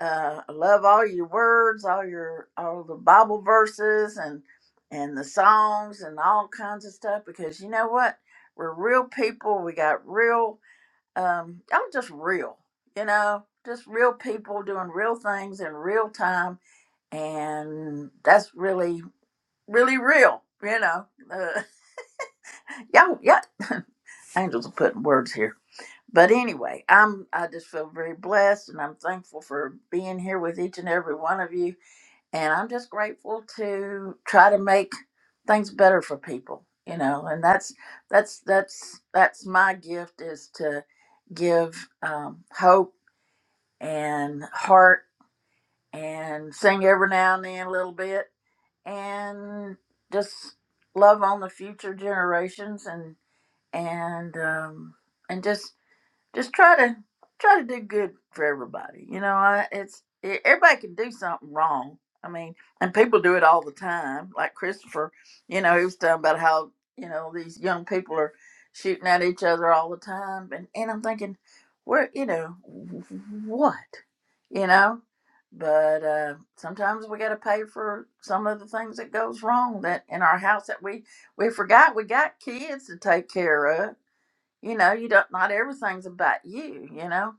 E: Uh, I love all your words, all your all the Bible verses, and and the songs and all kinds of stuff. Because you know what, we're real people. We got real. Um, y'all just real. You know, just real people doing real things in real time, and that's really really real. You know. y'all, you angels are putting words here. But anyway, I'm I just feel very blessed and I'm thankful for being here with each and every one of you. And I'm just grateful to try to make things better for people, you know, and that's that's that's that's my gift is to give um, hope and heart and sing every now and then a little bit and just love on the future generations and and um and just just try to try to do good for everybody. You know, I, it's e- everybody can do something wrong. I mean, and people do it all the time. Like Christopher, you know, he was talking about how you know these young people are shooting at each other all the time, and and I'm thinking, where you know what, you know. But uh, sometimes we got to pay for some of the things that goes wrong that in our house that we we forgot we got kids to take care of you know you don't not everything's about you you know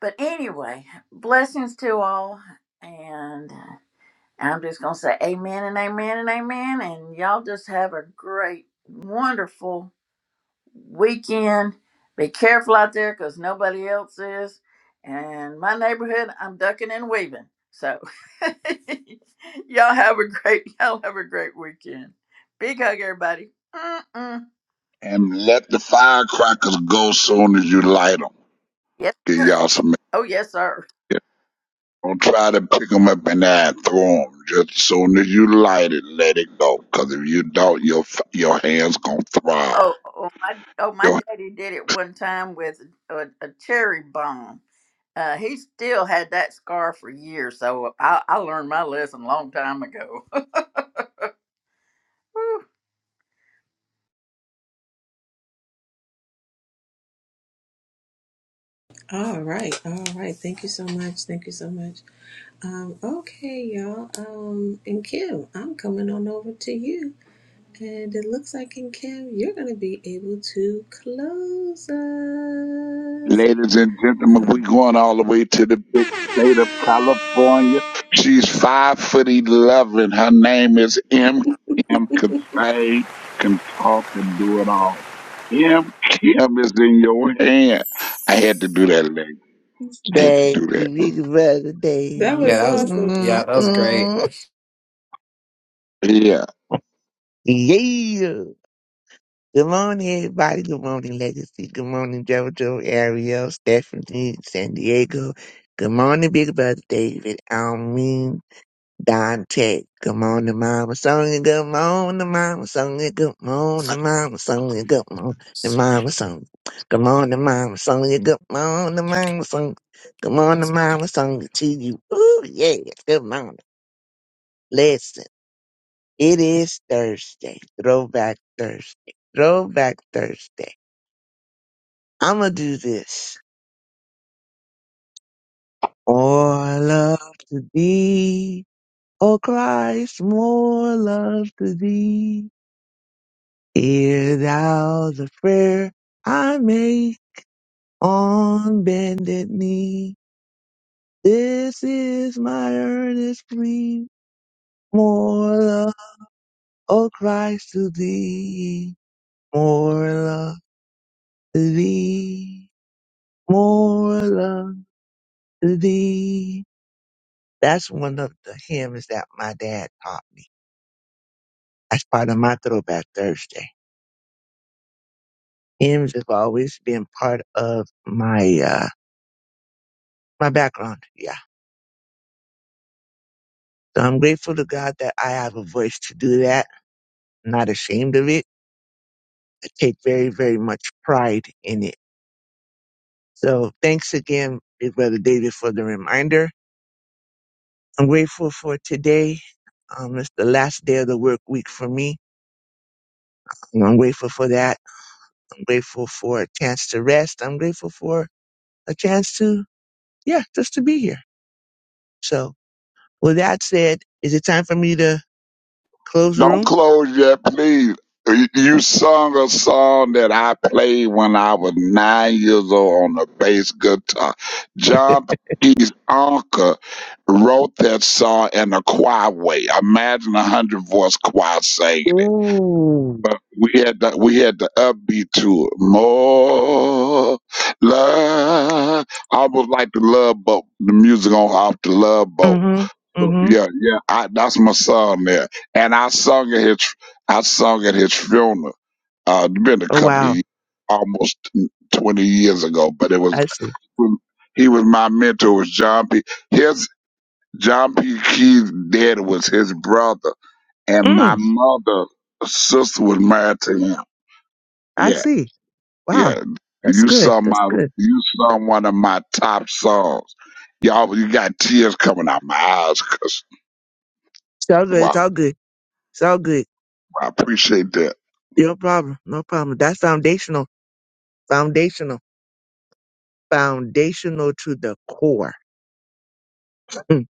E: but anyway blessings to all and i'm just gonna say amen and amen and amen and y'all just have a great wonderful weekend be careful out there because nobody else is and my neighborhood i'm ducking and weaving so y'all have a great y'all have a great weekend big hug everybody Mm-mm.
H: And let the firecrackers go soon as you light them.
E: yes
H: Give
E: sir
H: y'all some.
E: oh yes sir
H: yeah. Don't try to pick 'em up and then throw 'em. Just as soon as you light it, let it go. 'Cause if you don't, your f- your hands gonna throb.
E: Oh, oh my! Oh, my daddy did it one time with a, a cherry bomb. Uh, he still had that scar for years, so I, I learned my lesson a long time ago.
A: All right. All right. Thank you so much. Thank you so much. Um. Okay, y'all. Um. And Kim, I'm coming on over to you. And it looks like in Kim, you're gonna be able to close us.
H: Ladies and gentlemen, we
A: Um.
H: going all the way to the big state of California. She's five foot eleven. Her name is M. M. Can sing, can talk, and do it all. M. Kim is in your hand. I had to do that, lady. I had to
I: Thank
H: do that.
I: you, big brother
A: That
C: Yeah,
I: David.
A: was
C: that was
A: awesome.
C: yeah,
I: Mm,
C: that was great.
I: mm.
H: Yeah.
I: Yeah. Good morning, everybody. Good morning, Legacy. Good morning, JoJo, Ariel, Stephanie, San Diego. Good morning, Big Brother David. I mean, Dante. Good morning, Mama Sonia. Good morning, Mama Sonia. Good morning, Mama Sonia. Good morning, Mama Sonia. Good morning, Mama Sonia. Good morning, Mama Sonia. Good morning,
C: seemed
I: Mama Sonia. To you. Ooh, yeah. Good morning. Listen, it is Thursday. Throwback Thursday. Throwback Thursday. I'ma do this. More love to thee, O Christ, more love to thee. Hear thou the prayer I make on bended knee. This is my earnest plea. More love, O Christ, to thee. More love to thee. More love to thee. That's one of the hymns that my dad taught me As part of my throwback Thursday. Hymns have always been part of my uh my background. Yeah. So I'm grateful to God that I have a voice to do that. I'm not ashamed of it. I take very, very much pride in it. So thanks again, Big Brother David, for the reminder. I'm grateful for today. Um, it's the last day of the work week for me. Um, I'm grateful for that. I'm grateful for a chance to rest. I'm grateful for a chance to, yeah, just to be here. So With that said, is it time for me to close the
H: Don't
I: room?
H: close yet, please. You you sung a song that I played when I was nine years old on the bass guitar. John P's uncle wrote that song in a choir way. Imagine a hundred voice choir singing it.
I: Ooh.
H: But we had the we had the upbeat to it. More love, almost like the love boat, the music on off the love boat.
I: Mm-hmm. Mm-hmm.
H: Yeah, yeah. I, that's my son there, and I sung at his, I sung at his funeral. Uh, it's been a
I: Oh
H: couple of
I: wow.
H: years, almost twenty years ago, but it was
I: I see.
H: he was my mentor. Was John P. His John P. Key's dad was his brother, and my
I: Mm,
H: mother's sister was married to him.
I: I
H: Yeah,
I: see. Wow.
H: yeah.
I: That's
H: You
I: good.
H: sung
I: That's
H: my,
I: good.
H: you sung one of my top songs. Y'all, you got tears coming out my eyes 'cause
I: It's all good. It's
H: wow,
I: all good. It's all good.
H: I appreciate that.
I: No problem. No problem. That's foundational. Foundational. Foundational to the core. Mm,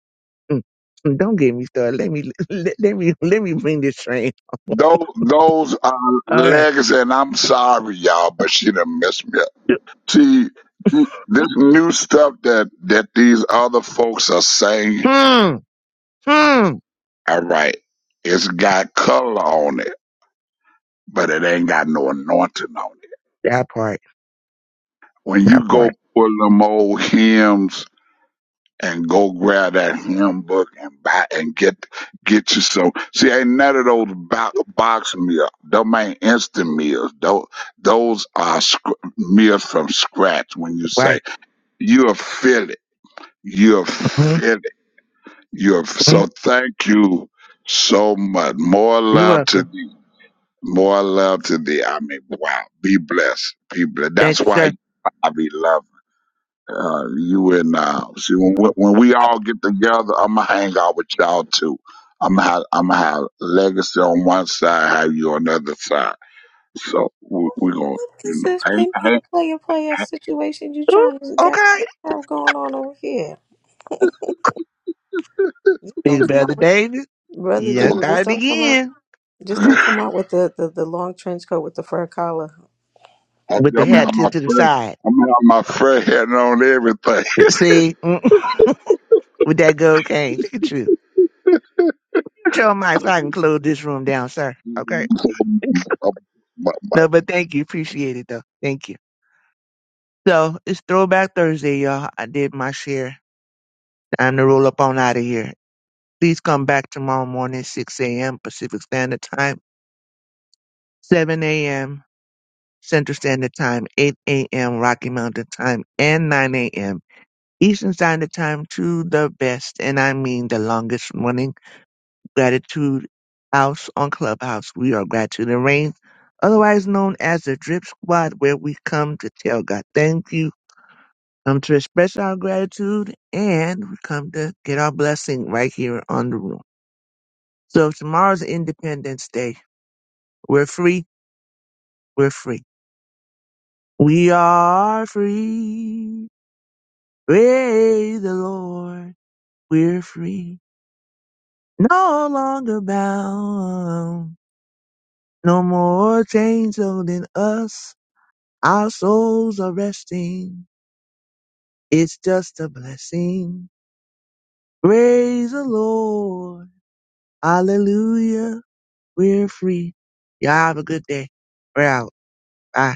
I: mm, mm. Don't get me started. Let me let, let me let me bring this train.
H: Those, those are
I: All right.
H: legs, and I'm sorry, y'all, but she done messed me up. See, this new stuff that that these other folks are saying,
I: Hmm. Hmm.
H: all right, it's got color on it, but it ain't got no anointing on it.
I: That part.
H: When
I: That
H: you
I: part.
H: go pull them old hymns and go grab that hymn book and buy and get get you some. See, ain't none of those bo- box meals. Them ain't instant meals. Those those are sc- meals from scratch. When you say
I: Right.
H: you'll feel it, you'll
I: Mm-hmm.
H: feel it. You'll so
I: mm-hmm.
H: thank you so much. More
I: You're
H: love to
I: welcome.
H: thee. More love to thee. I mean, wow. Be blessed. Be blessed. That's
I: Thanks, sir.
H: why I be loved. Uh, you and now. See, when we, when we all get together, I'm gonna hang out with y'all too. I'm gonna have, I'm gonna have legacy on one side, have you on the other side. So we, we gonna,
A: What is
H: you know,
A: this
H: hang,
A: pin pin
H: hang,
A: player player situation you
I: Ooh,
A: trying to got,
I: okay.
A: got have going on over here? Just don't
I: Big
A: come
I: Brother
A: out with
I: David,
A: brother
I: you done
H: hang.
A: David. Just
I: started
A: don't come out.
I: again
A: Just don't come out with the, the, the long trench coat with the fur collar.
H: I'm
I: with the
H: gonna
I: hat
H: have my
I: tipped to the
H: friend.
I: side.
H: I'm gonna have my friend heading on everything.
I: See, Mm. with that gold cane. Look at you. You your mic so I can close this room down, sir. Okay.
H: my, my,
I: no, but thank you. Appreciate it, though. Thank you. So it's Throwback Thursday, y'all. I did my share. Time to roll up on out of here. Please come back tomorrow morning, 6 a.m. Pacific Standard Time, 7 a.m. Central Standard Time, 8 a.m. Rocky Mountain Time, and 9 a.m. Eastern Standard Time to the best, and I mean the longest running Gratitude House on Clubhouse. We are Gratitude and Rain, otherwise known as the Drip Squad, where we come to tell God thank you, come to express our gratitude, and we come to get our blessing right here on the room. So tomorrow's Independence Day. We're free. We're free. We are free. Praise the Lord. We're free. no longer bound, no more chains holding us. Our souls are resting. It's just a blessing. Praise the Lord. Hallelujah. We're free. Y'all have a good day. We're out. Bye.